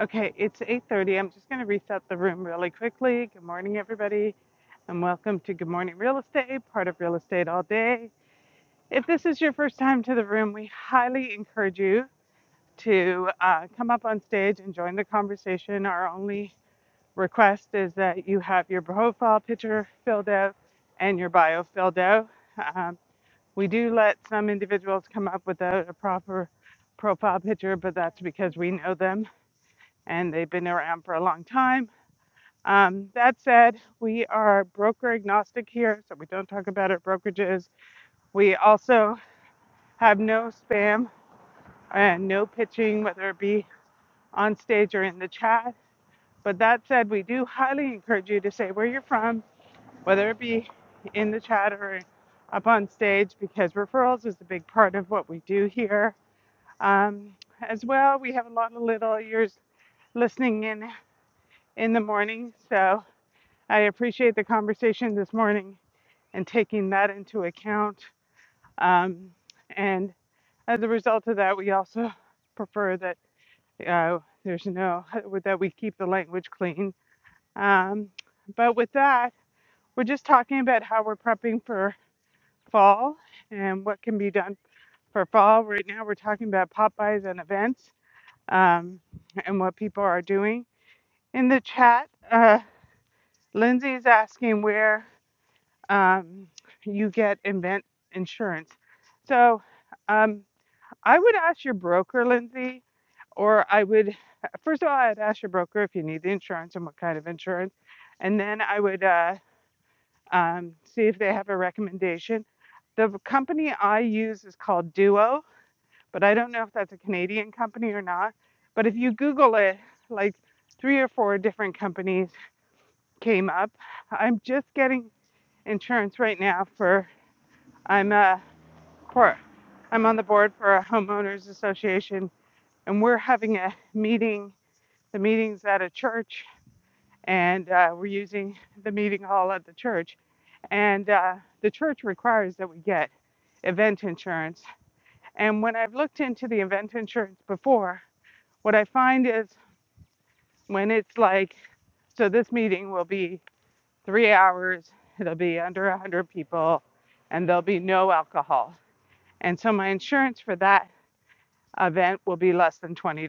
okay, it's 8:30. I'm just going to reset the room really quickly. Good morning, everybody, and welcome to Good Morning Real Estate, part of Real Estate All Day. If this is your first time to the room, we highly encourage you to uh, come up on stage and join the conversation. Our only request is that you have your profile picture filled out and your bio filled out. Um, we do let some individuals come up without a proper profile picture, but that's because we know them and they've been around for a long time. Um, that said, we are broker agnostic here, so we don't talk about our brokerages. We also have no spam and no pitching, whether it be on stage or in the chat. But that said, we do highly encourage you to say where you're from, whether it be in the chat or up on stage, because referrals is a big part of what we do here Um, as well, we have a lot of little ears listening in in the morning, so I appreciate the conversation this morning and taking that into account. Um, and as a result of that, we also prefer that uh, there's no (laughs) that we keep the language clean. Um, but with that, we're just talking about how we're prepping for fall and what can be done for fall. Right now, we're talking about Popeyes and events um, and what people are doing. In the chat, uh, Lindsay is asking where um, you get event insurance. So um, I would ask your broker, Lindsay, or I would, first of all, I'd ask your broker if you need the insurance and what kind of insurance. And then I would uh, um, see if they have a recommendation. The company I use is called Duo but I don't know if that's a Canadian company or not. But if you Google it, like three or four different companies came up. I'm just getting insurance right now for I'm a cor- I'm on the board for a homeowners association, and we're having a meeting. The meeting's at a church, and uh, we're using the meeting hall at the church. And uh, the church requires that we get event insurance. And when I've looked into the event insurance before, What I find is when it's like, so this meeting will be three hours, it'll be under 100 people, and there'll be no alcohol. And so my insurance for that event will be less than $20.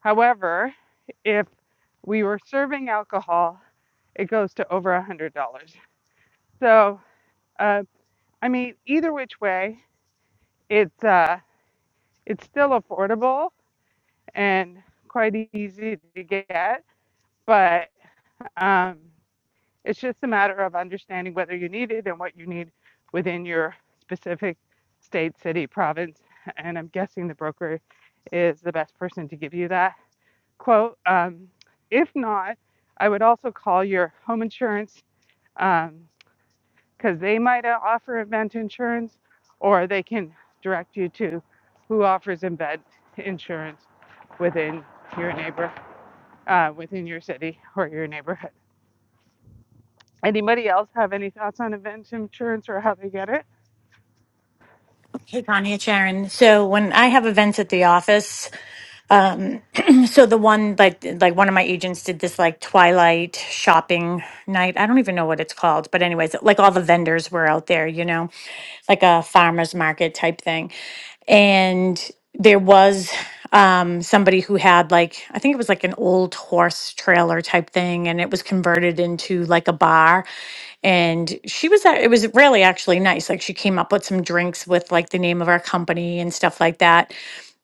However, if we were serving alcohol, it goes to over $100. So, uh, I mean, either which way, it's, uh, it's still affordable and quite easy to get, but um, It's just a matter of understanding whether you need it and what you need within your specific state, city, province. And I'm guessing the broker is the best person to give you that quote. Um, if not, I would also call your home insurance because um, they might offer event insurance or they can direct you to who offers event insurance within your neighbor, uh, within your city or your neighborhood. Anybody else have any thoughts on event insurance or how they get it? Hey Connie, it's Sharon. So when I have events at the office, Um, (clears throat) so the one like like one of my agents did this like twilight shopping night. I don't even know what it's called, but anyways, like all the vendors were out there, you know, like a farmers market type thing. And there was um somebody who had like I think it was like an old horse trailer type thing and it was converted into like a bar and she was at, it was really actually nice like she came up with some drinks with like the name of our company and stuff like that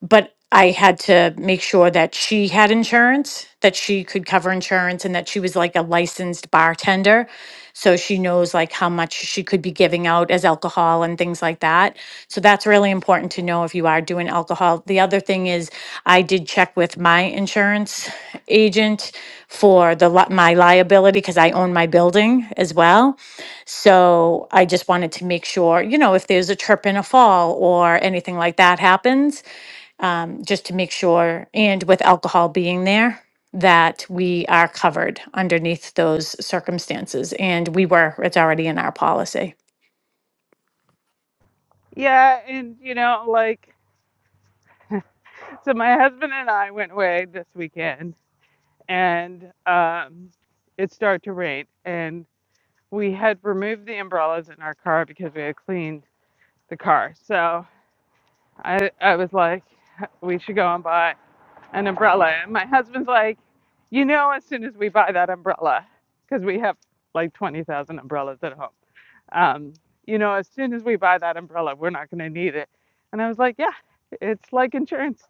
but I had to make sure that she had insurance, that she could cover insurance, and that she was like a licensed bartender. So she knows like how much she could be giving out as alcohol and things like that. So that's really important to know if you are doing alcohol. The other thing is, I did check with my insurance agent for the li- my liability because I own my building as well. So I just wanted to make sure, you know, if there's a trip and a fall or anything like that happens um, just to make sure, and with alcohol being there, that we are covered underneath those circumstances. And we were, it's already in our policy. Yeah, and you know, like, so my husband and I went away this weekend, and um, it started to rain, and we had removed the umbrellas in our car because we had cleaned the car. So I, I was like, we should go and buy an umbrella. And my husband's like, you know, as soon as we buy that umbrella, because we have like 20,000 umbrellas at home, um, you know, as soon as we buy that umbrella, we're not going to need it. And I was like, yeah, it's like insurance.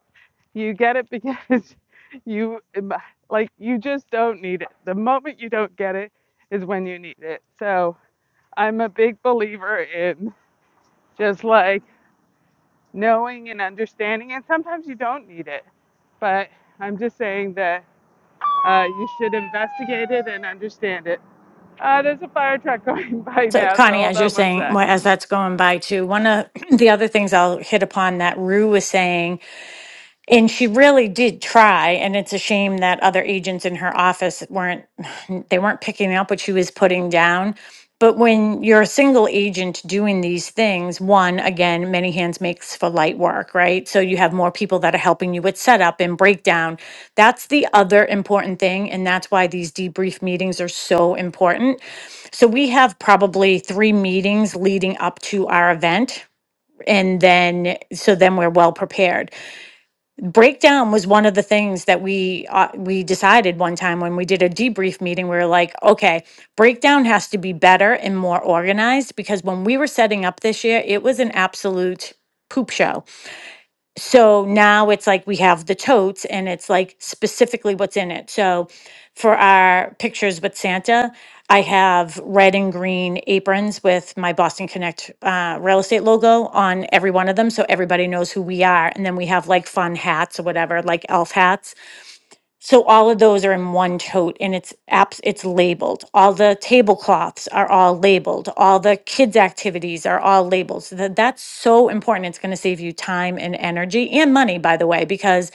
You get it because (laughs) you, um, like, you just don't need it. The moment you don't get it is when you need it. So I'm a big believer in just like knowing and understanding. And sometimes you don't need it. But I'm just saying that uh, you should investigate it and understand it. Uh, there's a fire truck going (laughs) by So, now, so Connie, hold as you're on one saying, sec. well, as that's going by too, one of (clears throat) the other things I'll hit upon that Rue was saying And she really did try, and it's a shame that other agents in her office weren't (sighs) (laughs) they weren't picking up what she was putting down. But when you're a single agent doing these things, one, again, many hands makes for light work, right? So you have more people that are helping you with setup and breakdown. That's the other important thing. And that's why these debrief meetings are so important. So we have probably three meetings leading up to our event. And then, so then we're well prepared breakdown was one of the things that we uh, we decided one time when we did a debrief meeting we were like okay breakdown has to be better and more organized because when we were setting up this year it was an absolute poop show so now it's like we have the totes and it's like specifically what's in it. So for our pictures with Santa, I have red and green aprons with my Boston Connect uh, real estate logo on every one of them. So everybody knows who we are. And then we have like fun hats or whatever, like elf hats. So all of those are in one tote and it's apps it's labeled. All the tablecloths are all labeled. All the kids activities are all labeled. So that, that's so important. It's going to save you time and energy and money by the way because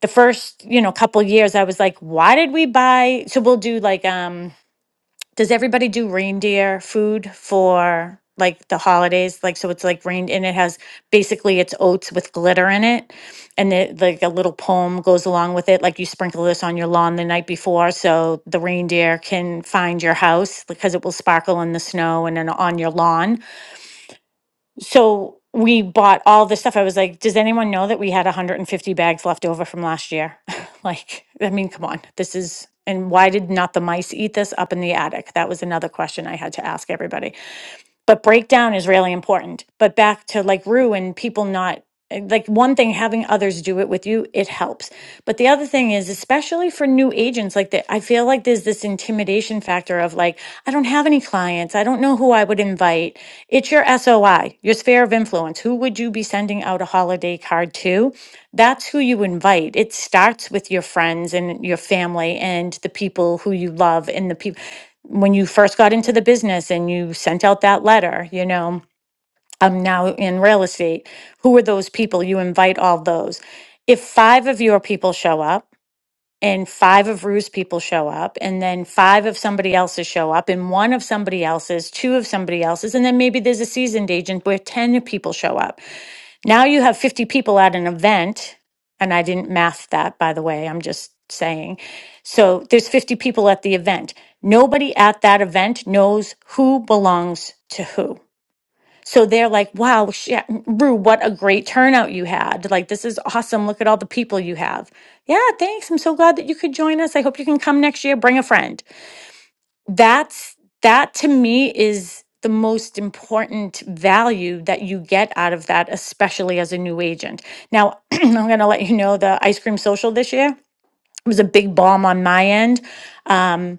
the first, you know, couple years I was like, why did we buy so we'll do like um does everybody do reindeer food for like the holidays? Like, so it's like rain and it has basically it's oats with glitter in it. And it, like a little poem goes along with it. Like you sprinkle this on your lawn the night before so the reindeer can find your house because it will sparkle in the snow and then on your lawn. So we bought all this stuff. I was like, does anyone know that we had 150 bags left over from last year? (laughs) like, I mean, come on. This is, and why did not the mice eat this up in the attic? That was another question I had to ask everybody. But breakdown is really important. But back to like Rue and people not like one thing having others do it with you it helps but the other thing is especially for new agents like that i feel like there's this intimidation factor of like i don't have any clients i don't know who i would invite it's your soi your sphere of influence who would you be sending out a holiday card to that's who you invite it starts with your friends and your family and the people who you love and the people when you first got into the business and you sent out that letter, you know, I'm now in real estate. Who are those people? You invite all those. If five of your people show up and five of Rue's people show up, and then five of somebody else's show up, and one of somebody else's, two of somebody else's, and then maybe there's a seasoned agent where 10 people show up now you have 50 people at an event, and I didn't math that, by the way, I'm just saying. So there's 50 people at the event. Nobody at that event knows who belongs to who. So they're like, wow, shit, Rue, what a great turnout you had. Like, this is awesome. Look at all the people you have. Yeah, thanks. I'm so glad that you could join us. I hope you can come next year. Bring a friend that's that to me is the most important value that you get out of that especially as a new agent now (clears throat) i'm going to let you know the ice cream social this year was a big bomb on my end um,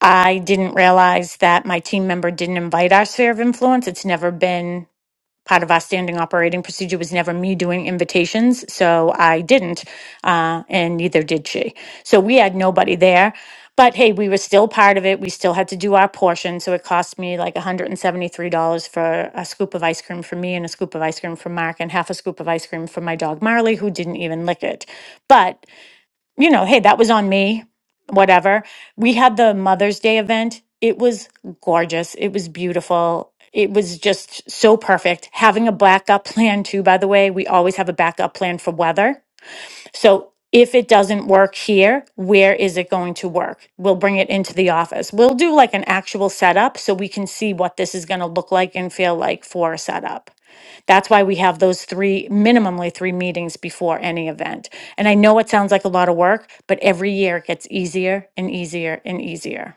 i didn't realize that my team member didn't invite our sphere of influence it's never been part of our standing operating procedure was never me doing invitations, so I didn't, uh, and neither did she. So we had nobody there. But hey, we were still part of it. We still had to do our portion. So it cost me like $173 for a scoop of ice cream for me and a scoop of ice cream for Mark and half a scoop of ice cream for my dog Marley, who didn't even lick it. But you know, hey, that was on me, whatever. We had the Mother's Day event. It was gorgeous. It was beautiful. It was just so perfect. Having a backup plan, too, by the way, we always have a backup plan for weather so if it doesn't work here, where is it going to work? We'll bring it into the office. We'll do like an actual setup so we can see what this is going to look like and feel like for a setup. That's why we have those three, minimally three meetings before any event. And I know it sounds like a lot of work, but every year it gets easier and easier and easier.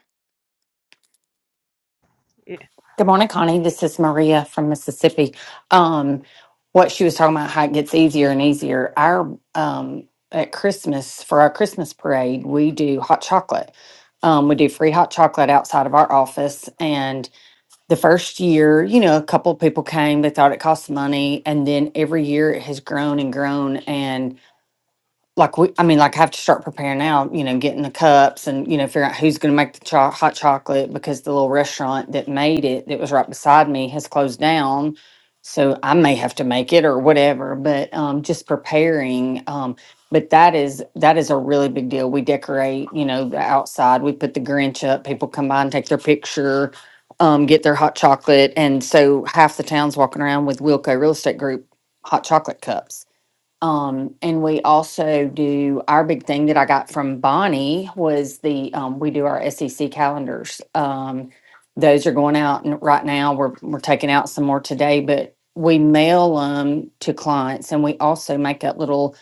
Yeah. Good morning, Connie. This is Maria from Mississippi. Um, what she was talking about, how it gets easier and easier. Our um, at Christmas for our Christmas parade, we do hot chocolate. Um, we do free hot chocolate outside of our office. And the first year, you know, a couple people came. They thought it cost money, and then every year it has grown and grown. And like we, I mean, like I have to start preparing now, you know, getting the cups and, you know, figuring out who's going to make the cho- hot chocolate because the little restaurant that made it that was right beside me has closed down. So I may have to make it or whatever, but um, just preparing. Um, but that is that is a really big deal. We decorate, you know, the outside. We put the Grinch up. People come by and take their picture, um, get their hot chocolate, and so half the town's walking around with Wilco Real Estate Group hot chocolate cups um, and we also do our big thing that I got from Bonnie was the um, we do our SEC calendars. Um, those are going out and right now. We're we're taking out some more today, but we mail them to clients, and we also make up little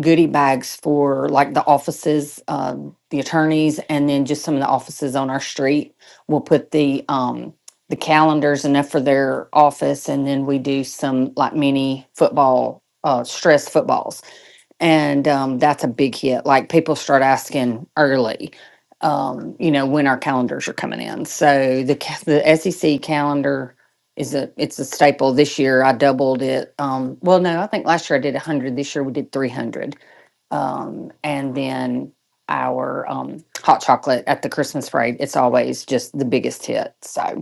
goodie bags for like the offices, um, the attorneys, and then just some of the offices on our street. We'll put the um, the calendars enough for their office, and then we do some like mini football uh, stress footballs, and um, that's a big hit. Like people start asking early, um, you know, when our calendars are coming in. So the ca- the SEC calendar is a it's a staple this year. I doubled it. Um, well, no, I think last year I did a hundred. This year we did three hundred, um, and then our um, hot chocolate at the Christmas parade. It's always just the biggest hit. So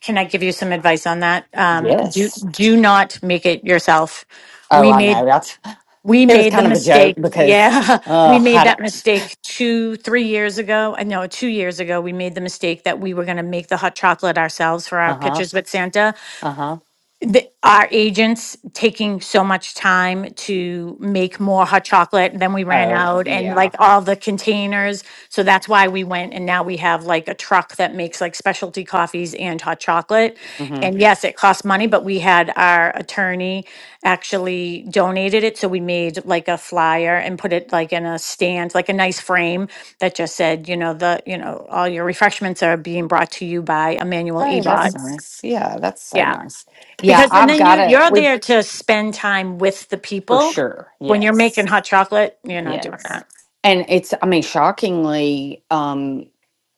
Can I give you some advice on that? Um, do yes. do not make it yourself. Oh, We I know. made That's we (laughs) it was made the kind of a joke mistake. because Yeah, (laughs) uh, we made I that don't. mistake two three years ago. I know two years ago we made the mistake that we were going to make the hot chocolate ourselves for our Uh huh. pictures with Santa Uh huh. the, our agents taking so much time to make more hot chocolate and then we ran Oh, out and yeah. like all the containers so that's why we went and now we have like a truck that makes like specialty coffees and hot chocolate hmm and yes it costs money but we had our attorney actually donated it so we made like a flyer and put it like in a stand like a nice frame that just said you know the you know all your refreshments are being brought to you by Emmanuel Hey, that's Ebot nice. Yeah, that's so nice. Yeah, because and I've then got you it. you're We've there to spend time with the for people. sure. When you're making Yes, hot chocolate, you're not doing yes. that. And it's, I mean, shockingly, um,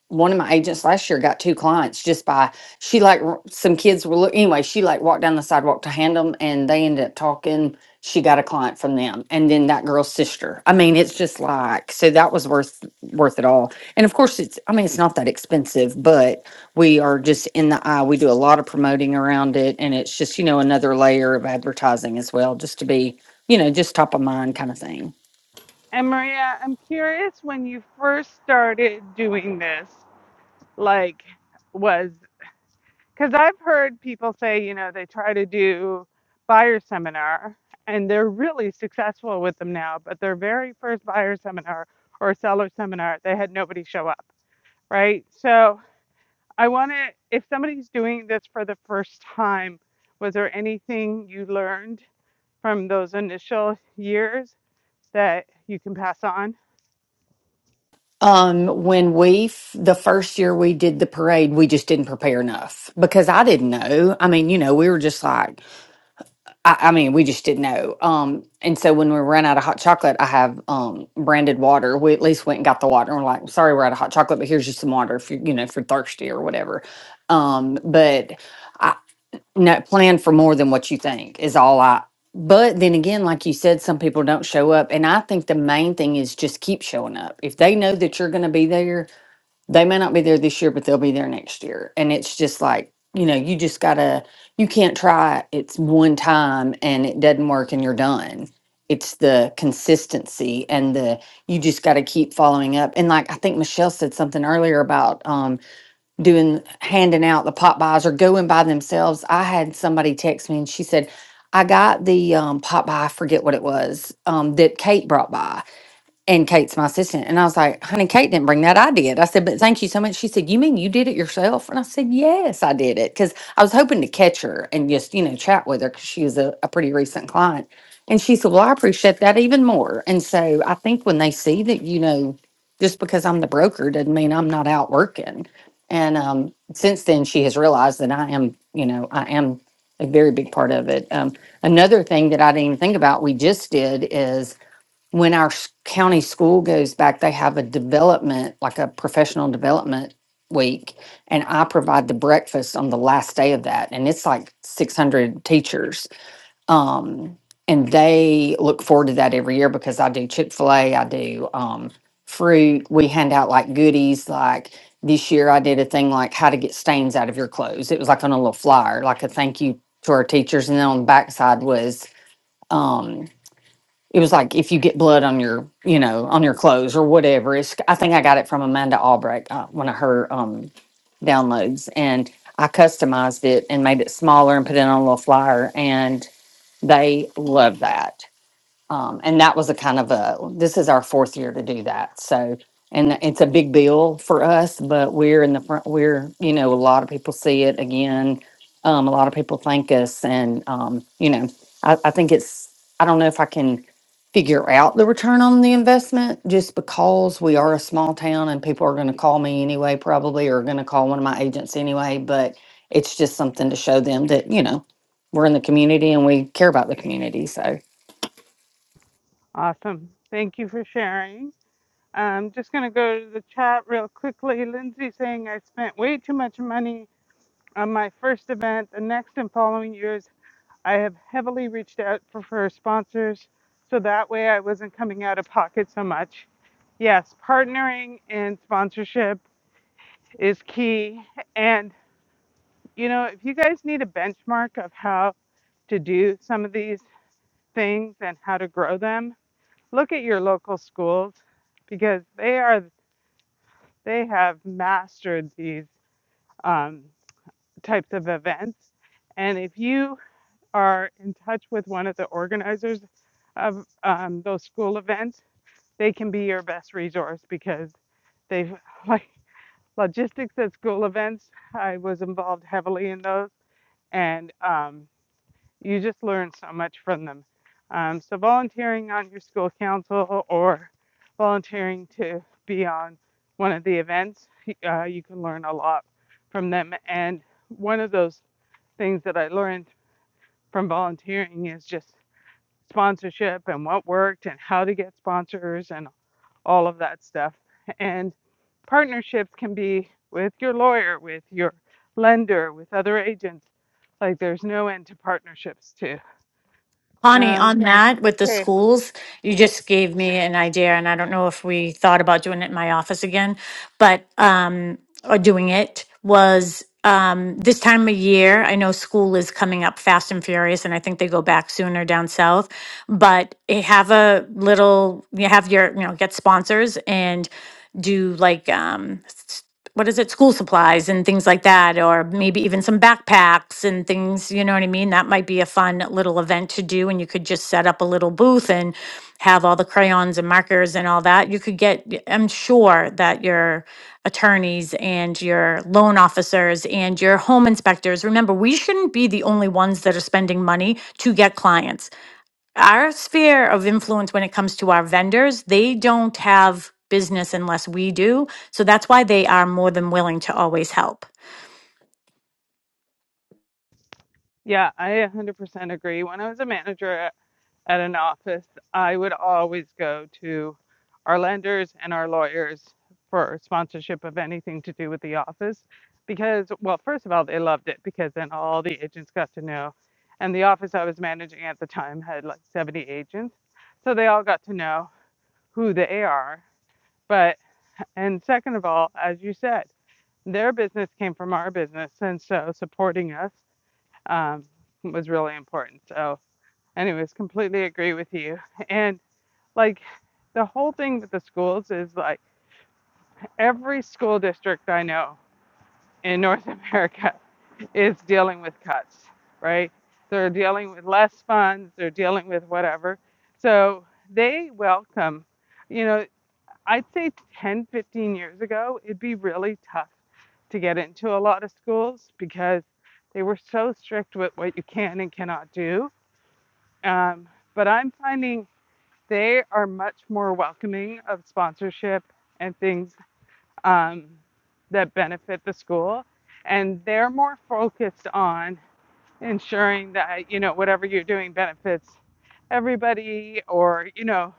one of my agents last year got two clients just by she like r- some kids were look anyway she like walked down the sidewalk to hand them and they ended up talking she got a client from them and then that girl's sister i mean it's just like so that was worth worth it all and of course it's i mean it's not that expensive but we are just in the eye we do a lot of promoting around it and it's just you know another layer of advertising as well just to be you know just top of mind kind of thing And Maria, I'm curious when you first started doing this, like, was because I've heard people say, you know, they try to do buyer seminar and they're really successful with them now, but their very first buyer seminar or seller seminar, they had nobody show up, right? So, I want to, if somebody's doing this for the first time, was there anything you learned from those initial years that you can pass on? Um, when we f- the first year we did the parade, we just didn't prepare enough because I didn't know. I mean, you know, we were just like, I, I mean, we just didn't know. Um, and so when we ran out of hot chocolate, I have um branded water. We at least went and got the water. And we're like, sorry, we're out of hot chocolate, but here's just some water if you you know if you're thirsty or whatever. Um, but I no plan for more than what you think is all I. But then again, like you said, some people don't show up. And I think the main thing is just keep showing up. If they know that you're going to be there, they may not be there this year, but they'll be there next year. And it's just like, you know, you just gotta, you can't try it. It's one time and it doesn't work and you're done. It's the consistency and the, you just gotta keep following up. And like, I think Michelle said something earlier about um, doing, handing out the pop buys or going by themselves. I had somebody text me and she said, I got the um, pop by, I forget what it was, um, that Kate brought by. And Kate's my assistant. And I was like, honey, Kate didn't bring that. I did. I said, but thank you so much. She said, you mean you did it yourself? And I said, yes, I did it. Cause I was hoping to catch her and just, you know, chat with her because she was a, a pretty recent client. And she said, well, I appreciate that even more. And so I think when they see that, you know, just because I'm the broker doesn't mean I'm not out working. And um, since then, she has realized that I am, you know, I am a very big part of it. Um, another thing that I didn't even think about, we just did is when our s- county school goes back, they have a development, like a professional development week. And I provide the breakfast on the last day of that. And it's like 600 teachers. Um, and they look forward to that every year because I do Chick fil A, I do um, fruit. We hand out like goodies. Like this year, I did a thing like how to get stains out of your clothes. It was like on a little flyer, like a thank you to our teachers. And then on the backside was, Um, it was like if you get blood on your you know on your clothes or whatever it's i think i got it from amanda albrecht uh, one of her um downloads and i customized it and made it smaller and put it on a little flyer and they love that um, and that was a kind of a, this is our fourth year to do that. So, and it's a big bill for us, but we're in the front, we're, you know, a lot of people see it again. Um, a lot of people thank us. And, um, you know, I, I think it's, I don't know if I can figure out the return on the investment just because we are a small town and people are going to call me anyway, probably, or going to call one of my agents anyway. But it's just something to show them that, you know, we're in the community and we care about the community. So, Awesome. Thank you for sharing. I'm just going to go to the chat real quickly. Lindsay saying, I spent way too much money on my first event. The next and following years, I have heavily reached out for, for sponsors so that way I wasn't coming out of pocket so much. Yes, partnering and sponsorship is key. And, you know, if you guys need a benchmark of how to do some of these things and how to grow them, look at your local schools because they are they have mastered these um, types of events. And if you are in touch with one of the organizers of um, those school events, they can be your best resource because they've (laughs) like logistics at school events. I was involved heavily in those and um, you just learn so much from them. Um, so volunteering on your school council or volunteering to be on one of the events, uh, you can learn a lot from them. And one of those things that I learned from volunteering is just sponsorship and what worked and how to get sponsors and all of that stuff. And partnerships can be with your lawyer, with your lender, with other agents. Like there's no end to partnerships too. Connie, Um, on that with the okay. schools, you just gave me an idea, and I don't know if we thought about doing it in my office again, but um, or doing it was um, this time of year. I know school is coming up fast and furious, and I think they go back sooner down south. But eh, have a little, you have your, you know, get sponsors and do like um, what is it, school supplies and things like that, or maybe even some backpacks and things, you know what I mean? That might be a fun little event to do. And you could just set up a little booth and have all the crayons and markers and all that. You could get, i I'm sure that your attorneys and your loan officers and your home inspectors, remember, we shouldn't be the only ones that are spending money to get clients our sphere of influence when it comes to our vendors, they don't have business unless we do. So that's why they are more than willing to always help. Yeah, I 100% agree. When I was a manager, at an office, I would always go to our lenders and our lawyers for sponsorship of anything to do with the office because, well, first of all, they loved it because then all the agents got to know. And the office I was managing at the time had like 70 agents. So they all got to know who they are. But, and second of all, as you said, their business came from our business. And so supporting us um, was really important. So, anyways, completely agree with you. And like the whole thing with the schools is like every school district I know in North (laughs) America is dealing with cuts, right? They're dealing with less funds, they're dealing with whatever. So they welcome, you know, I'd say 10, 15 years ago, it'd be really tough to get into a lot of schools because they were so strict with what you can and cannot do Um, but I'm finding they are much more welcoming of sponsorship and things um, that benefit the school. And they're more focused on ensuring that, you know, whatever you're doing benefits everybody or, you know,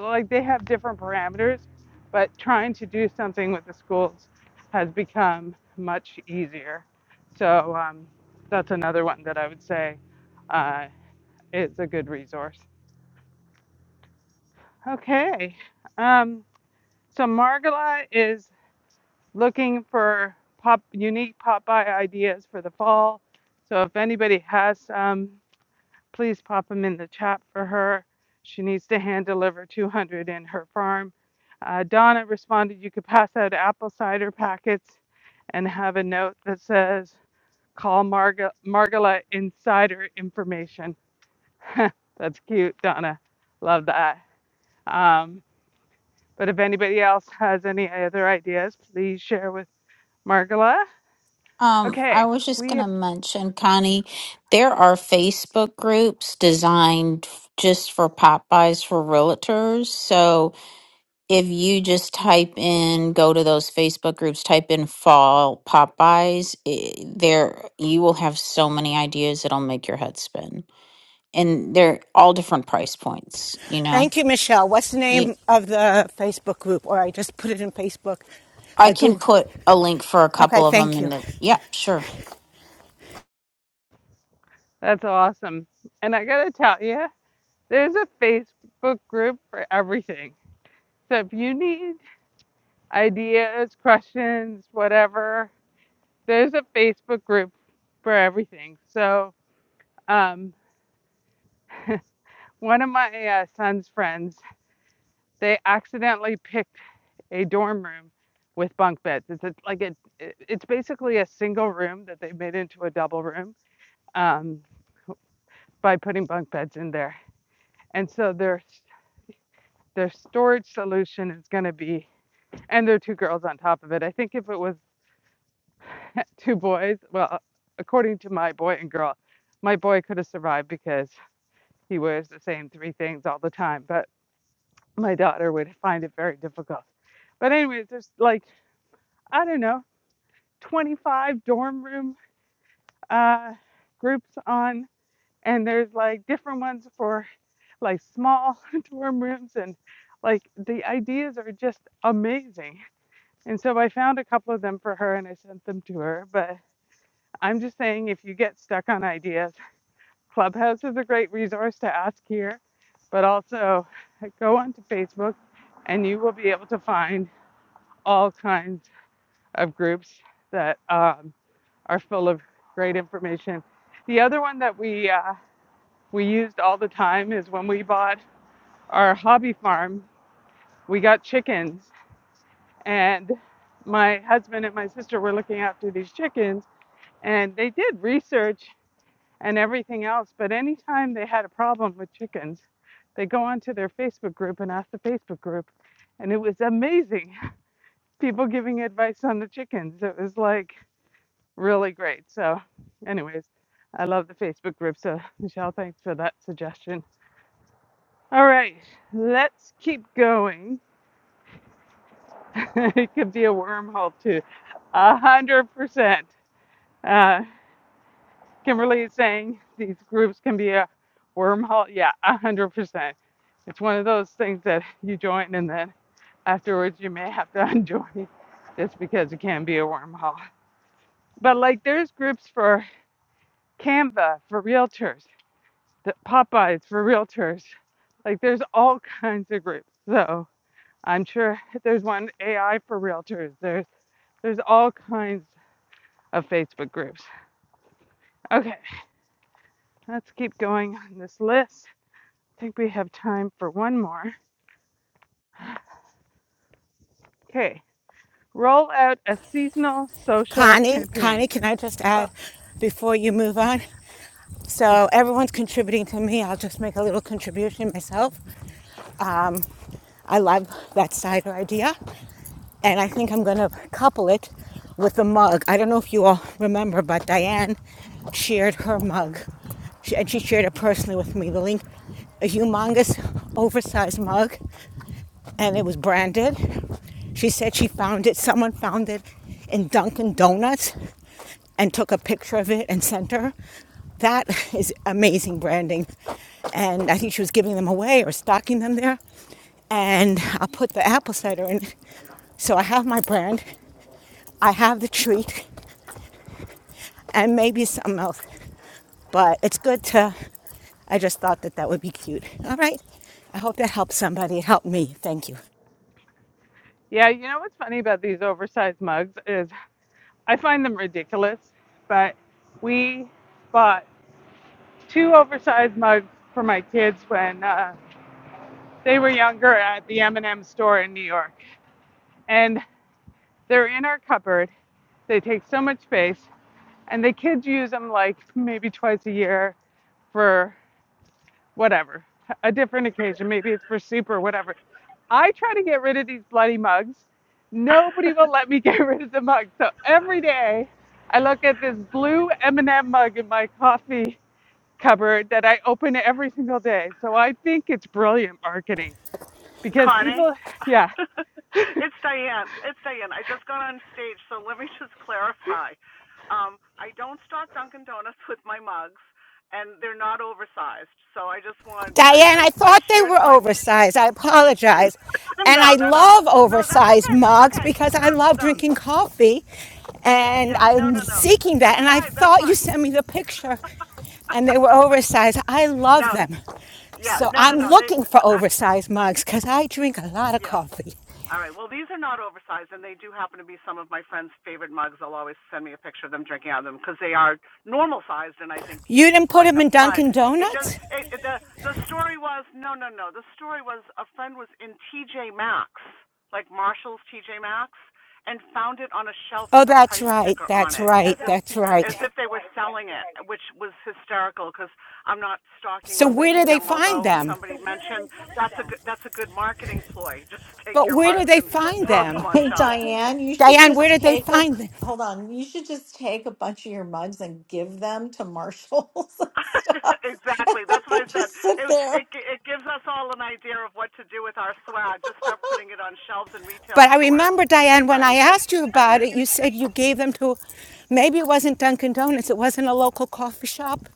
like they have different parameters, but trying to do something with the schools has become much easier. So um, that's another one that I would say uh, is a good resource. Okay. Um, so Margala is looking for pop unique Popeye ideas for the fall. So if anybody has some, please pop them in the chat for her. She needs to hand deliver 200 in her farm. Uh, Donna responded, you could pass out apple cider packets and have a note that says, call Marga- Margala insider information. (laughs) That's cute, Donna. Love that. Um, But if anybody else has any other ideas, please share with Margola. Um, I Okay, was just we going to have mention, Connie, there are Facebook groups designed f- just for Popeyes for realtors. So, if you just type in go to those facebook groups type in fall popeyes i there you will have so many ideas it'll make your head spin and they're all different price points you know Thank you, Michelle. What's the you, name of the Facebook group? Or I just put it in Facebook. i I can Google. put a link for a Okay, couple of them thank in you. the yeah sure that's awesome. And I gotta tell you, there's a Facebook group for everything. So if you need ideas, questions, whatever, there's a Facebook group for everything. So um, (laughs) one of my uh, son's friends, they accidentally picked a dorm room with bunk beds. It's a, like a, it, it's basically a single room that they made into a double room um, by putting bunk beds in there. And so their their storage solution is going to be, and there are two girls on top of it. I think if it was (laughs) two boys, well, according to my boy and girl, my boy could have survived because he wears the same three things all the time. But my daughter would find it very difficult. But anyways, there's like I don't know, 25 dorm room uh, groups on, and there's like different ones for like small (laughs) dorm rooms, and like the ideas are just amazing. And so I found a couple of them for her and I sent them to her. But I'm just saying, if you get stuck on ideas, Clubhouse is a great resource to ask here, but also go onto Facebook and you will be able to find all kinds of groups that um, are full of great information. The other one that we uh, we used all the time is when we bought our hobby farm, we got chickens. And my husband and my sister were looking after these chickens, and they did research and everything else. But anytime they had a problem with chickens, they go onto their Facebook group and ask the Facebook group. And it was amazing. (laughs) People giving advice on the chickens. It was like really great. So, anyways, I love the Facebook group. So, Michelle, thanks for that suggestion. All right, let's keep going. (laughs) it could be a wormhole too. A hundred percent. Uh, Kimberly is saying these groups can be a wormhole. Yeah, a hundred percent. It's one of those things that you join and then afterwards you may have to (laughs) unjoin just because it can be a wormhole. But like there's groups for Canva for realtors, the Popeyes for realtors. Like there's all kinds of groups. So. I'm sure (laughs) there's one AI for realtors. There's there's all kinds of Facebook groups. Okay, let's keep going on this list. I think we have time for one more. Okay, roll out a seasonal social Connie, Connie, campaign. can I just add Ugh. before you move on? Yeah, So everyone's contributing to me. I'll just make a little contribution myself. Um, I love that cider idea, and I think I'm gonna couple it with the mug. I don't know if you all remember, but Diane shared her mug, She- and she shared it personally with me. The link, a humongous, oversized mug and it was branded. She said she found it, someone found it in Dunkin' Donuts and took a picture of it and sent her. That (laughs) is amazing branding. And I think she was giving them away or stocking them there. And I put the apple cider in. So I have my brand, I have the treat, and maybe something else. But it's good to, I just thought that that would be cute. All right. I hope that helps somebody. It helped me. Thank you. yeah, you know what's funny about these oversized mugs is I find them ridiculous, but we bought two oversized mugs for my kids when uh, they were younger at the M&M store in New York. And They're in our cupboard. They take so much space, and the kids use them like maybe twice a year for whatever, a different occasion. Maybe it's for soup or whatever. I try to get rid of these bloody mugs. Nobody will let me (laughs) get rid of the mugs. So every day, I look at this blue M&M mug in my coffee cupboard that I open every single day. So I think it's brilliant marketing because Connie? people, yeah, (laughs) it's Diane. It's Diane. I just got on stage, so let me (laughs) just clarify. Um, I don't stock Dunkin' Donuts with my mugs, and they're not oversized. So I just want I Diane, I, I I thought they shared were my oversized. I apologize. (laughs) And I no no no love no that's oversized okay that's mugs okay because no I love no drinking coffee and yeah no I'm no no seeking that's that. And I fine that's thought you fine sent me the picture and they were (laughs) oversized. I love no them. yeah So no no I'm no they looking for I, oversized mugs because I drink a lot of yeah coffee. All right. Well, these are not oversized, and they do happen to be some of my friends' favorite mugs. They'll always send me a picture of them drinking out of them because they are normal sized, and I think You didn't people put like them in them. But Dunkin' it just Donuts? it, it, the the story was no, no, no. The story was a friend was in TJ Maxx, like Marshall's TJ Maxx, and found it on a shelf Oh, with a that's price right. sticker on That's it, Oh, as right. if That's right. as right. if they were right. selling it, right. which was hysterical because I'm not stalking So or where do leaving they them. find Although them? somebody mentioned that's a good, that's a good marketing ploy. (laughs) Just take But your where do mugs they and find throw them? them on Hey shelves. Diane, you should Diane, where just did they take a find them? hold on. You should just take a bunch of your mugs and give them to marshals (laughs) and stuff, (laughs) and exactly. That's let what them I said. just It, sit there. it it gives us all an idea of what to do with our swag. Just start putting it on shelves in retail But I stores, remember, Diane, when I right? It, asked you anyway, about it, you said you gave them to maybe it wasn't Dunkin' Donuts, it wasn't a local coffee shop.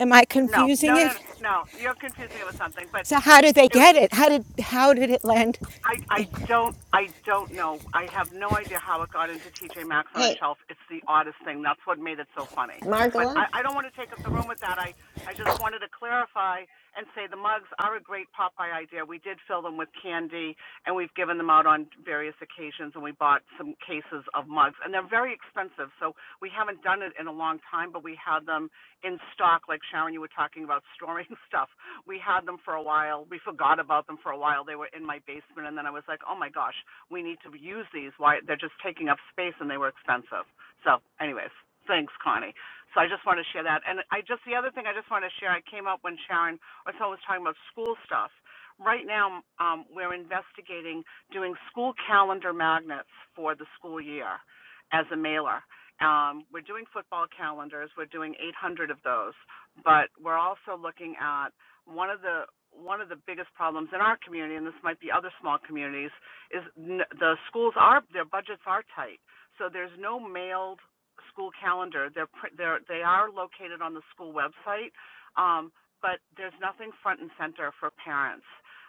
Am I no, confusing no, no, it? no. no. You're confusing it with something, but. So how did they It, get it? How did how did it land? I I don't I don't know. I have no idea how it got into TJ Maxx on a Hey, shelf. It's the oddest thing. That's what made it so funny. But I, Margola? I don't want to take up the room with that. I I just wanted to clarify and say the mugs are a great Popeye idea. We did fill them with candy and we've given them out on various occasions and we bought some cases of mugs and they're very expensive. So we haven't done it in a long time, but we had them in stock, like Sharon, you were talking about storing (laughs) stuff. We had them for a while. We forgot about them for a while. They were in my basement, and then I was like, oh my gosh, we need to use these. Why they're just taking up space, and they were expensive. So, anyways, thanks, Connie. So I just want to share that. And I just the other thing I just want to share. I came up when Sharon or someone was talking about school stuff. Right now, um, we're investigating doing school calendar magnets for the school year as a mailer um, we're doing football calendars. We're doing 800 of those, but we're also looking at one of the one of the biggest problems in our community, and this might be other small communities, is n- the schools are their budgets are tight. So there's no mailed school calendar. They're pr- they're they are located on the school website, um, but there's nothing front and center for parents.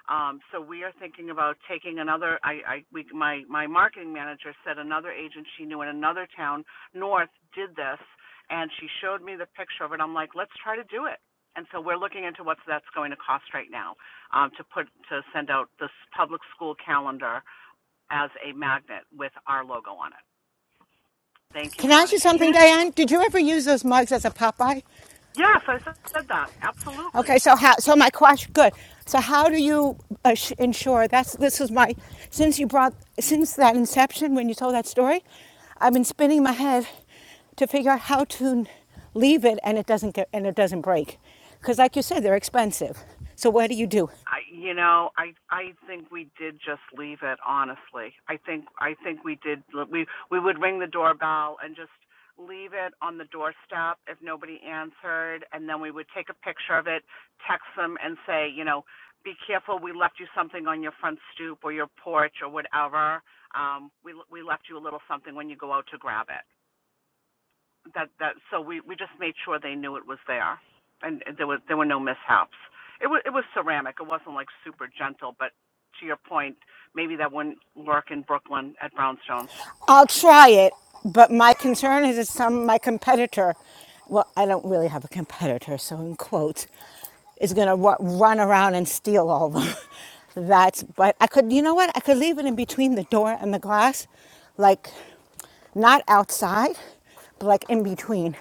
Um, so we are thinking about taking another. I, I we, my my marketing manager said another agent she knew in another town North did this, and she showed me the picture of it. I'm like, let's try to do it. And so we're looking into what that's going to cost right now um, to put to send out this public school calendar as a magnet with our logo on it. Thank you, Can I ask you Connie. something, Diane? Did you ever use those mugs as a Popeye? Yes, I said that absolutely. Okay, so how? So my question, good. So how do you uh, ensure that's this is my since you brought since that inception when you told that story, I've been spinning my head to figure out how to leave it and it doesn't get and it doesn't break, because like you said, they're expensive. So what do you do? I, you know, I I think we did just leave it. Honestly, I think I think we did. We we would ring the doorbell and just leave it on the doorstep if nobody answered, and then we would take a picture of it, text them, and say, you know, be careful. We left you something on your front stoop or your porch or whatever. Um, we we left you a little something when you go out to grab it that that so we we just made sure they knew it was there and there was there were no mishaps it was it was ceramic it wasn't like super gentle but to your point maybe that wouldn't work in brooklyn at brownstones I'll try it, but my concern is that some my competitor, well, I don't really have a competitor, so in quotes, is gonna run around and steal all of them. (laughs) That's but I could, you know what? I could leave it in between the door and the glass, like not outside, but like in between.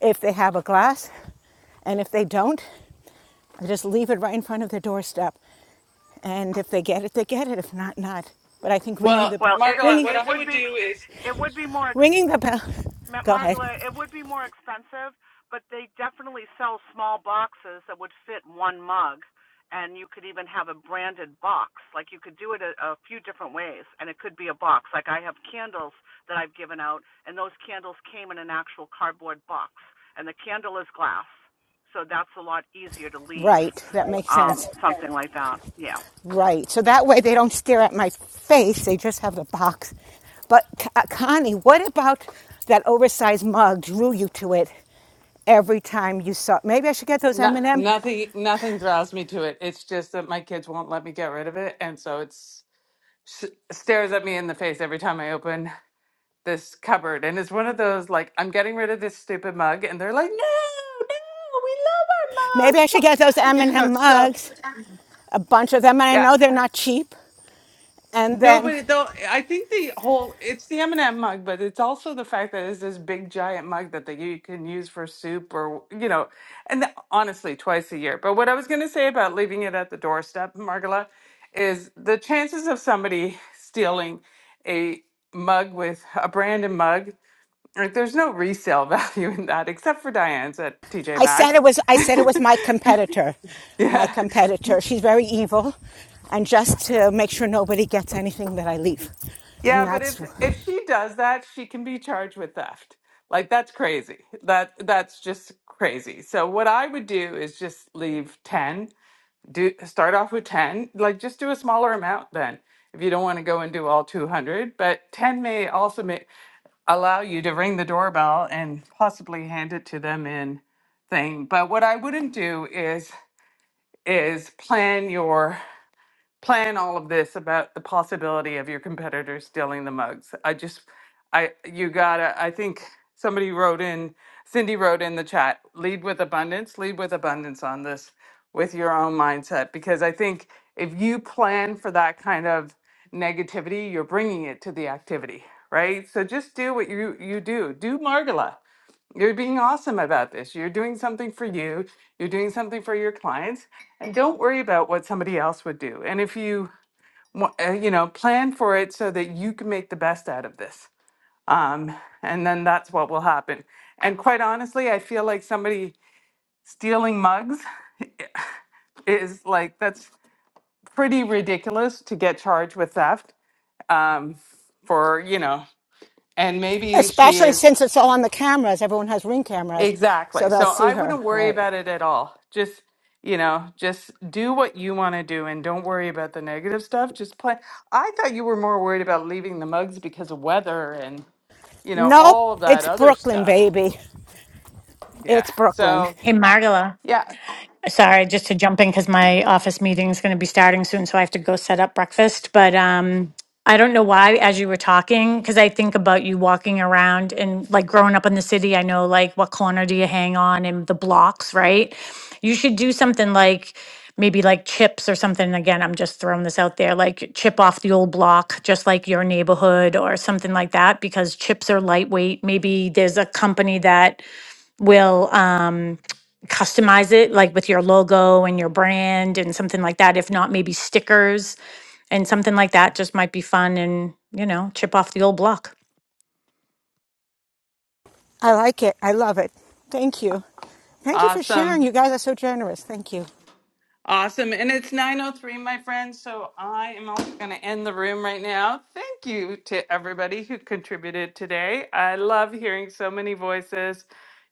If they have a glass, and if they don't, I just leave it right in front of their doorstep. And if they get it, they get it. If not, not. But I think ringing the well it it, ringing it would be it would be more ringing the bell. (laughs) Ma- Go ahead. Margola, it would be more expensive, but they definitely sell small boxes that would fit one mug, and you could even have a branded box. Like you could do it a, a few different ways, and it could be a box. Like I have candles that I've given out, and those candles came in an actual cardboard box, and the candle is glass, so that's a lot easier to leave. Right, that Right. makes Um, makes sense. sense. something like that. Yeah. Right. So that way they don't stare at my face, they just have the box. But uh, Connie, what about that oversized mug drew you to it every time you saw? it? Maybe I should get those No, M&M. nothing, nothing draws me to it. It's just that my kids won't let me get rid of it, and so it's s- stares at me in the face every time I open this cupboard. And it's one of those like I'm getting rid of this stupid mug, and they're like, "No, no, we love our Maybe I mugs," should get those mom." (laughs) you know. M&M So mugs, a bunch of them, and I yeah, know they're not cheap. And No, but then it, though I think the whole it's the M&M mug, but it's also the fact that it's this big giant mug that they, you can use for soup or you know, and th- honestly, twice a year. But what I was going to say about leaving it at the doorstep, Margola, is the chances of somebody (laughs) stealing a mug with a branded mug, like there's no resale (laughs) value in that except for Diane's at TJ I said Maxx. it was I said it was my competitor. (laughs) My yeah. competitor. She's very evil. And just to make sure nobody gets anything that I leave. And Yeah, but that's if if she does that, she can be charged with theft. Like that's crazy. That that's just crazy. So what I would do is just leave 10. Do start off with 10. Like just do a smaller amount then. If you don't want to go and do all 200, but 10 may also may allow you to ring the doorbell and possibly hand it to them in thing. But what I wouldn't do is is plan your plan all of this about the possibility of your competitors stealing the mugs. I just, I, you gotta, I think somebody wrote in, Cindy wrote in the chat, lead with abundance, lead with abundance on this with your own mindset. Because I think if you plan for that kind of negativity, you're bringing it to the activity, right? So just do what you, you do. Do Margala. You're being awesome about this. You're doing something for you, you're doing something for your clients, and don't worry about what somebody else would do. And if you, wa- uh, you know, plan for it so that you can make the best out of this. Um, and then that's what will happen. And quite honestly, I feel like somebody stealing mugs (laughs) is like, that's pretty ridiculous to get charged with theft um, for, you know, and maybe she Especially is. since it's all on the cameras. Everyone has ring cameras, Exactly. so they'll So see I her, wouldn't worry right? about it at all. Just, you know, just do what you want to do and don't worry about the negative stuff. Just play. I thought you were more worried about leaving the mugs because of weather and, you know, Nope, all of that it's other Brooklyn, stuff. baby. Yeah. It's Brooklyn. So, Hey, Margala. yeah. Sorry, just to jump in because my office meeting is going to be starting soon, so I have to go set up breakfast. But um, I don't know why, as you were talking, because I think about you walking around and like growing up in the city, I know like what corner do you hang on and the blocks, right? You should do something like maybe like chips or something. Again, I'm just throwing this out there, like chip off the old block, just like your neighborhood or something like that, because chips are lightweight. Maybe there's a company that will um, customize it like with your logo and your brand and something like that. If not, maybe stickers and something like that just might be fun and, you know, chip off the old block. I like it. I love it. Thank you. Thank you for Awesome. sharing. You guys are so generous. Thank you. Awesome. And it's 9.03, my friends. So I am also going to end the room right now. Thank you to everybody who contributed today. I love hearing so many voices.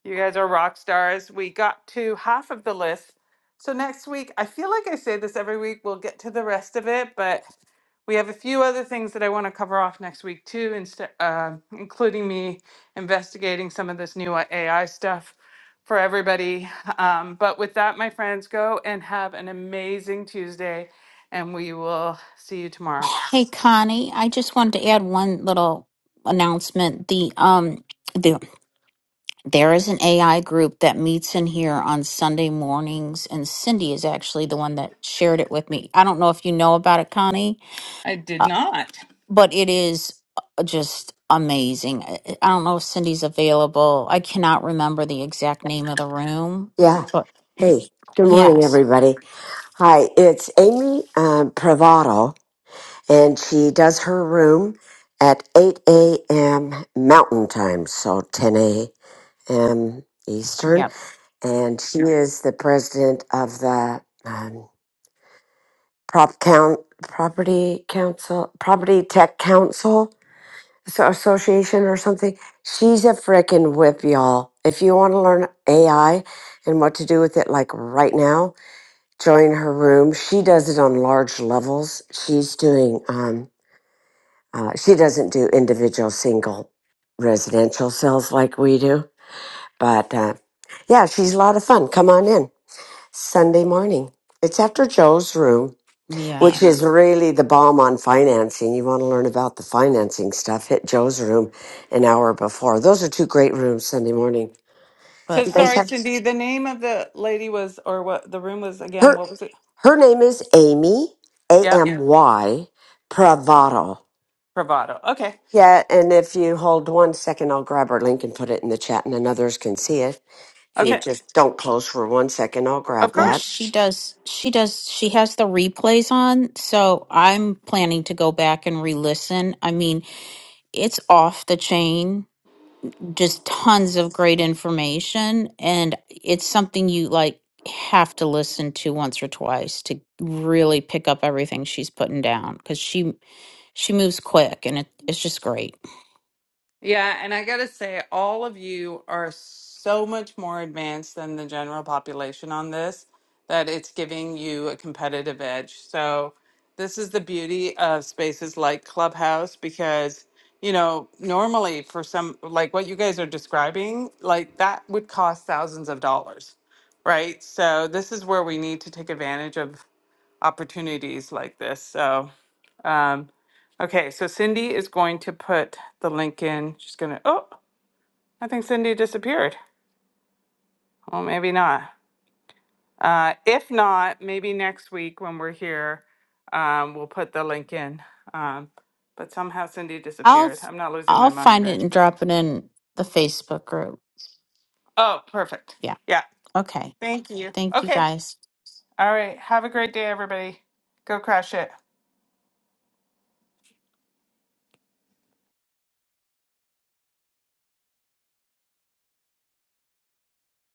You guys are rock stars. We got to half of the list. So next week, I feel like I say this every week, we'll get to the rest of it, but we have a few other things that I want to cover off next week too, instead, um including me investigating some of this new AI stuff for everybody. Um, but with that, my friends, go and have an amazing Tuesday, and we will see you tomorrow. hey connie i just wanted to add one little announcement the um the There is an AI group that meets in here on Sunday mornings, and Cindy is actually the one that shared it with me. I don't know if you know about it, Connie, I did uh, not. but it is uh, just amazing. I I don't know if Cindy's available. I cannot remember the exact name of the room, Yeah. but y- Hey, good morning, yes, everybody. Hi, it's Amy um, Privado, and she does her room at 8 a.m. Mountain Time, so 10 a.m. Eastern. yep, And she is the president of the um, Prop Count, Property Council, Property Tech Council so- Association or something. She's a frickin' whip, y'all. If you want to learn AI and what to do with it, like right now, join her room. She does it on large levels. She's doing, um, uh, she doesn't do individual single residential cells like we do. But uh, yeah, she's a lot of fun. Come on in Sunday morning. It's after Joe's room, yeah. which is really the bomb on financing. You want to learn about the financing stuff, hit Joe's room an hour before. Those are two great rooms Sunday morning. So But You guys I sorry, have Cindy. The name of the lady was, or what the room was again? her What was it? her name is Amy, A Yeah, M Y Pravado. Bravado. Okay. Yeah, and if you hold one second, I'll grab our link and put it in the chat, and then others can see it. If you it Okay. just don't close for one second, I'll Of grab well, that. she course. does she does she has the replays on, so I'm planning to go back and re-listen. I mean, it's off the chain just tons of great information and it's something you like have to listen to once or twice to really pick up everything she's putting down because she she moves quick and it, it's just great Yeah, and I gotta say, all of you are so much more advanced than the general population on this that it's giving you a competitive edge. So, this is the beauty of spaces like Clubhouse because, you know, normally for some, like what you guys are describing, like that would cost thousands of dollars, right? So, this is where we need to take advantage of opportunities like this. So, um, okay, so Cindy is going to put the link in. She's gonna, oh, I think Cindy disappeared. Well, maybe not. Uh, if not, maybe next week when we're here, um, we'll put the link in. Um, but somehow Cindy i'll disappeared. I'm not losing my i'll mind, find it right? and drop it in the facebook group Oh, perfect. yeah Yeah. okay Thank you. thank you Okay. guys All right. Have a great day, everybody. Go crush it.